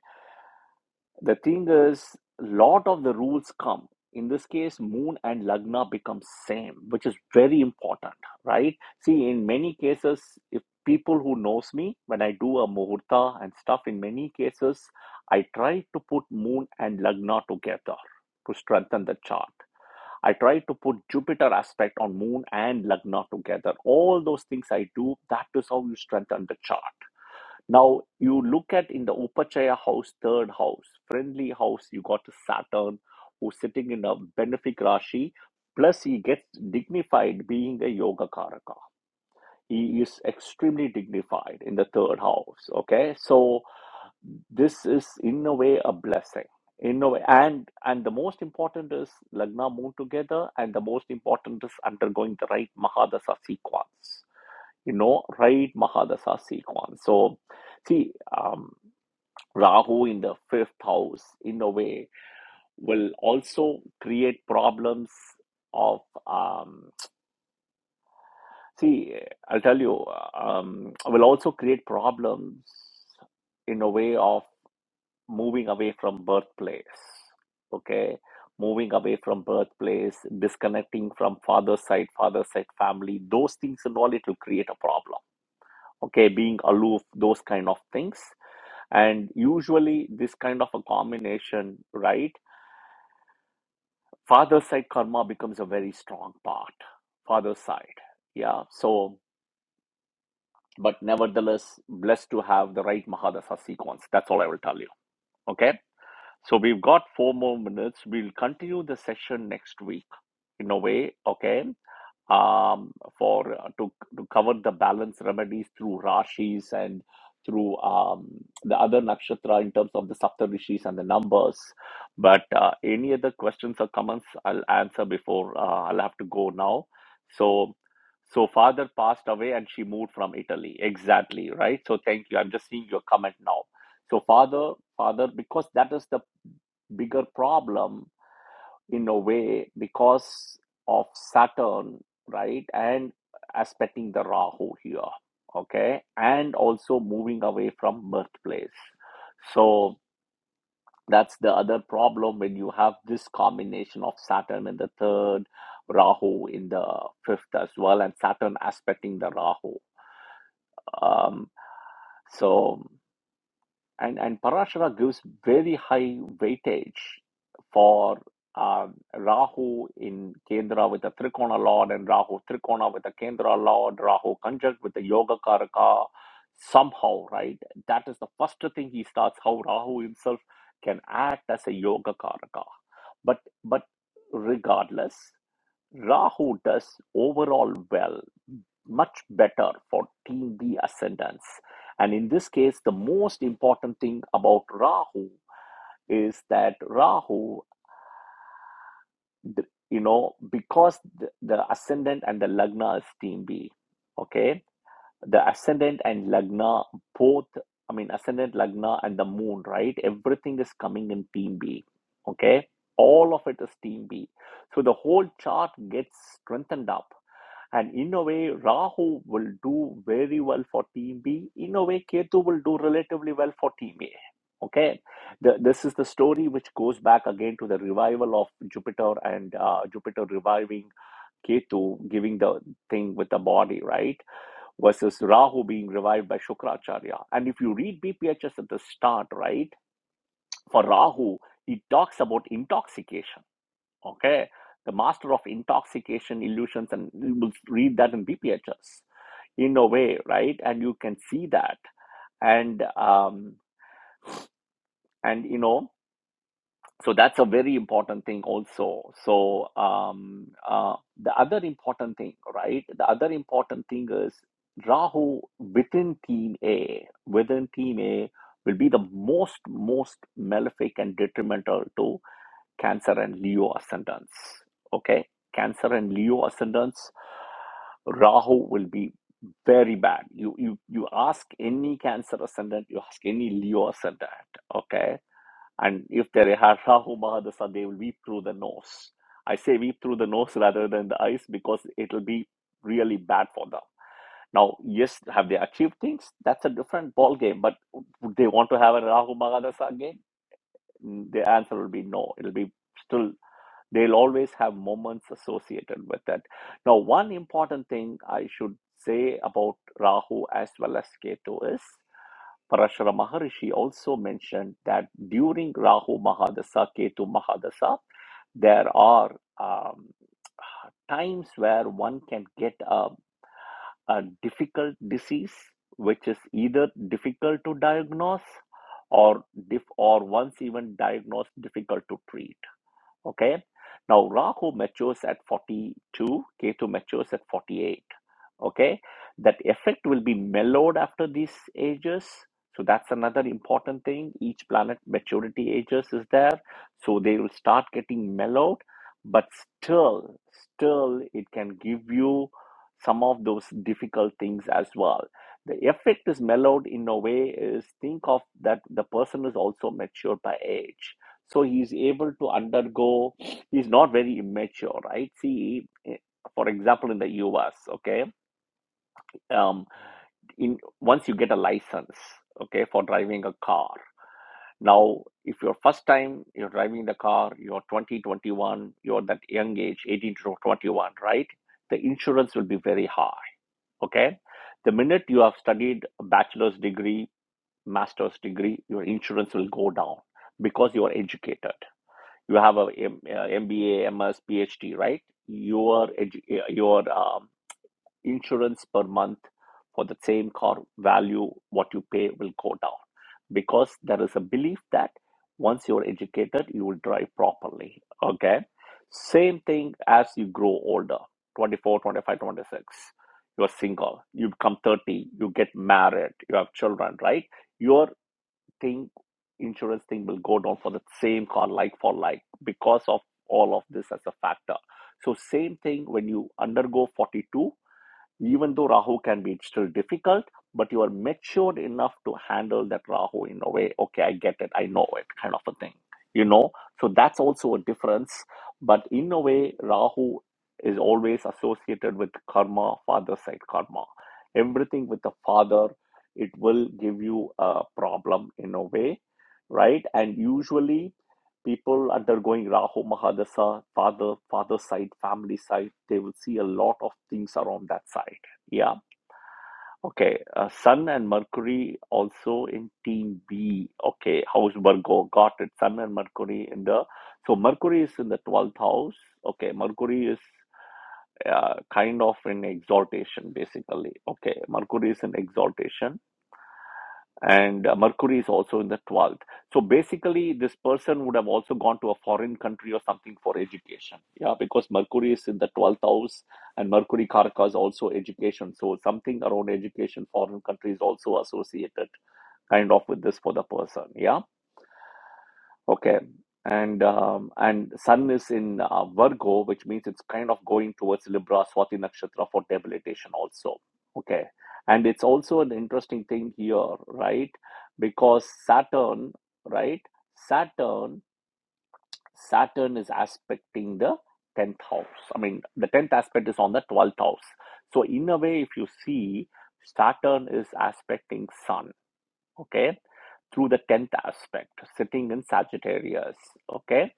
Speaker 1: the thing is, lot of the rules come. In this case, moon and lagna become same, which is very important, right? See, in many cases, if people who knows me, when I do a muhurta and stuff, in many cases, I try to put moon and lagna together to strengthen the chart. I try to put Jupiter aspect on moon and lagna together. All those things I do, that is how you strengthen the chart now you look at in the Upachaya house, third house, friendly house, you got Saturn who's sitting in a benefic Rashi, plus he gets dignified being a Yoga Karaka. He is extremely dignified in the third house. Okay, so this is in a way a blessing. In a way, and and the most important is Lagna Moon together, and the most important is undergoing the right Mahadasa sequence. You know, right Mahadasa sequence. So see. Um, Rahu in the fifth house, in a way, will also create problems of. Um, see, I'll tell you, um, will also create problems in a way of moving away from birthplace. Okay, moving away from birthplace, disconnecting from father's side, father's side family, those things and all, it will create a problem. Okay, being aloof, those kind of things. And usually, this kind of a combination, right? father side karma becomes a very strong part father side yeah so but nevertheless blessed to have the right mahadasa sequence that's all i will tell you okay so we've got four more minutes we'll continue the session next week in a way okay um, for uh, to to cover the balance remedies through rashis and through um, the other nakshatra in terms of the saptarishis and the numbers. But uh, any other questions or comments, I'll answer before uh, I'll have to go now. So. So father passed away and she moved from Italy. Exactly, right? So thank you. I'm just seeing your comment now. So father, father, because that is the bigger problem in a way because of Saturn, right? And aspecting the Rahu here, okay? And also moving away from birthplace. So that's the other problem when you have this combination of Saturn in the third, Rahu in the fifth as well, and Saturn aspecting the Rahu. Um, so and and Parashara gives very high weightage for um, Rahu in Kendra with the Trikona Lord and Rahu Trikona with the Kendra Lord, Rahu conjunct with the Yoga Karaka. Somehow, right? That is the first thing he starts. How Rahu himself can act as a Yoga Karaka, but but regardless, Rahu does overall well much better for team B ascendance. And in this case, the most important thing about Rahu is that Rahu, you know, because the, the ascendant and the Lagna is team B, okay? The ascendant and Lagna both, I mean, ascendant, Lagna, and the moon, right? Everything is coming in team B, okay? All of it is team B. So the whole chart gets strengthened up and in a way, Rahu will do very well for team B. In a way, Ketu will do relatively well for team A. Okay, the, this is the story which goes back again to the revival of Jupiter and uh, Jupiter reviving Ketu, giving the thing with the body, right? Versus Rahu being revived by Shukracharya. And if you read BPHS at the start, right, for Rahu, it talks about intoxication. Okay, the master of intoxication, illusions, and you will read that in BPHS in a way right and you can see that and um and you know so that's a very important thing also so um uh, the other important thing right the other important thing is rahu within team a within team a will be the most most malefic and detrimental to Cancer and Leo ascendants. Okay, Cancer and Leo ascendants. Rahu will be very bad. You you you ask any Cancer ascendant, you ask any Leo ascendant. Okay, and if they have Rahu Mahadasha, they will weep through the nose. I say weep through the nose rather than the eyes because it'll be really bad for them. Now, yes, have they achieved things? That's a different ball game. But would they want to have a Rahu Mahadasha again? Mm, The answer will be no. It'll be still They'll always have moments associated with it. Now, one important thing I should say about Rahu as well as Ketu is Parashara Maharishi also mentioned that during Rahu Mahadasa, Ketu Mahadasa, there are um, times where one can get a, a difficult disease, which is either difficult to diagnose or diff- or once even diagnosed, difficult to treat Okay. Now Rahu matures at 42, Ketu matures at 48 okay that effect will be mellowed after these ages so that's another important thing each planet maturity ages is there so they will start getting mellowed but still still it can give you some of those difficult things as well the effect is mellowed in a way is think of that the person is also matured by age so he's able to undergo he's not very immature right see eh, for example in the us okay um, in once you get a license okay for driving a car now if you're first time you're driving the car you're 20 21 you're that young age 18 to 21 right the insurance will be very high okay the minute you have studied a bachelor's degree master's degree your insurance will go down because you are educated you have a M- uh, mba ms phd right your edu- uh, your um, insurance per month for the same car value what you pay will go down because there is a belief that once you're educated you will drive properly okay same thing as you grow older 24, 25, 26. you're single you become 30 you get married you have children right your thing insurance thing will go down for the same car like for like because of all of this as a factor so same thing when you undergo 42 even though Rahu can be still difficult, but you are matured enough to handle that Rahu in a way, okay, I get it, I know it, kind of a thing, you know? So that's also a difference. But in a way, Rahu is always associated with karma, father side karma. Everything with the father, it will give you a problem in a way, right? And usually, people undergoing Rahu Mahadasha, father, father side, family side, they will see a lot of things around that side. Yeah. Okay. Uh, Sun and Mercury also in team B. Okay. House Virgo. Got it. Sun and Mercury in the. So Mercury is in the 12th house. Okay. Mercury is uh, kind of in exaltation, basically. Okay. Mercury is in exaltation and uh, Mercury is also in the 12th. So basically, this person would have also gone to a foreign country or something for education. Yeah, because Mercury is in the 12th house and Mercury Karaka is also education. So something around education, foreign country is also associated kind of with this for the person. Yeah Okay. And um, and Sun is in uh, Virgo, which means it's kind of going towards Libra, Swati Nakshatra for debilitation also. Okay. And it's also an interesting thing here, right? Because Saturn, right? Saturn, Saturn is aspecting the 10th house. I mean, the 10th aspect is on the 12th house. So in a way, if you see, Saturn is aspecting Sun okay, through the 10th aspect, sitting in Sagittarius, okay.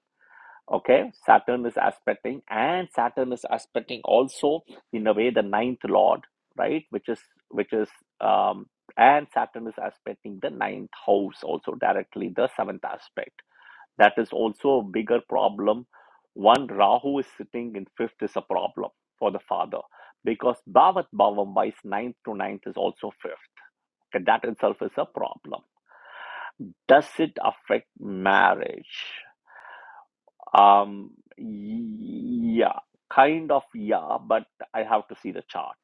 Speaker 1: Okay, Saturn is aspecting, and Saturn is aspecting also in a way the ninth lord, right? Which is which is um, and Saturn is aspecting the ninth house also directly the seventh aspect. That is also a bigger problem. One Rahu is sitting in fifth is a problem for the father because Bhavat Bhavam wise ninth to ninth is also fifth. And that itself is a problem. Does it affect marriage? Um, yeah, kind of, yeah, but I have to see the chart,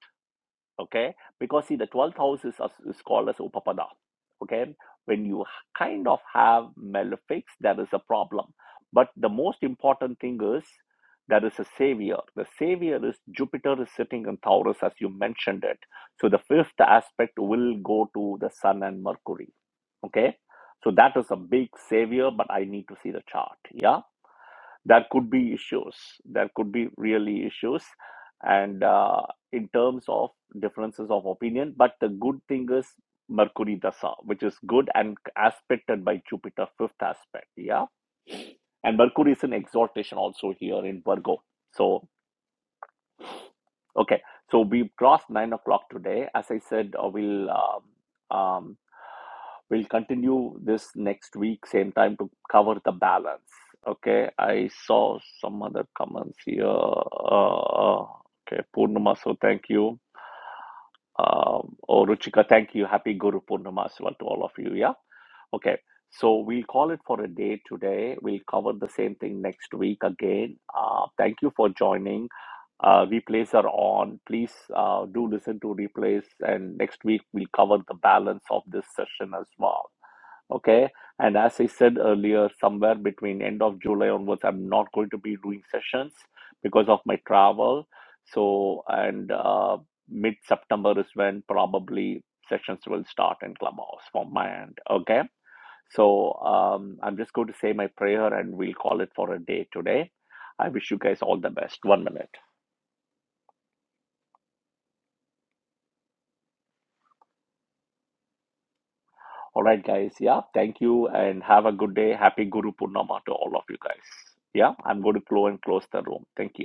Speaker 1: okay? Because see, the 12th house is, is called as Upapada, okay? When you kind of have malefics, there is a problem. But the most important thing is there is a savior. The savior is Jupiter is sitting in Taurus, as you mentioned it. So the fifth aspect will go to the Sun and Mercury okay so that is a big savior but i need to see the chart yeah there could be issues there could be really issues and uh, in terms of differences of opinion but the good thing is mercury dasa which is good and aspected by jupiter fifth aspect yeah and mercury is an exaltation also here in virgo so Okay, so we crossed nine o'clock today. As I said, uh, we'll um, um, we'll continue this next week, same time to cover the balance. Okay, I saw some other comments here. Uh, okay, Purnama, so thank you. Um, oh, Ruchika, thank you. Happy Guru Purnama as well to all of you. Yeah. Okay, so we'll call it for a day today. We'll cover the same thing next week again. Uh, thank you for joining uh, replays are on. Please uh, do listen to replays. And next week, we'll cover the balance of this session as well. Okay. And as I said earlier, somewhere between end of July onwards, I'm not going to be doing sessions because of my travel. So, and uh, mid September is when probably sessions will start in Clubhouse from my end. Okay. So, um, I'm just going to say my prayer and we'll call it for a day today. I wish you guys all the best. One minute. All right, guys. Yeah, thank you and have a good day. Happy Guru Purnima to all of you guys. Yeah, I'm going to close and close the room. Thank you.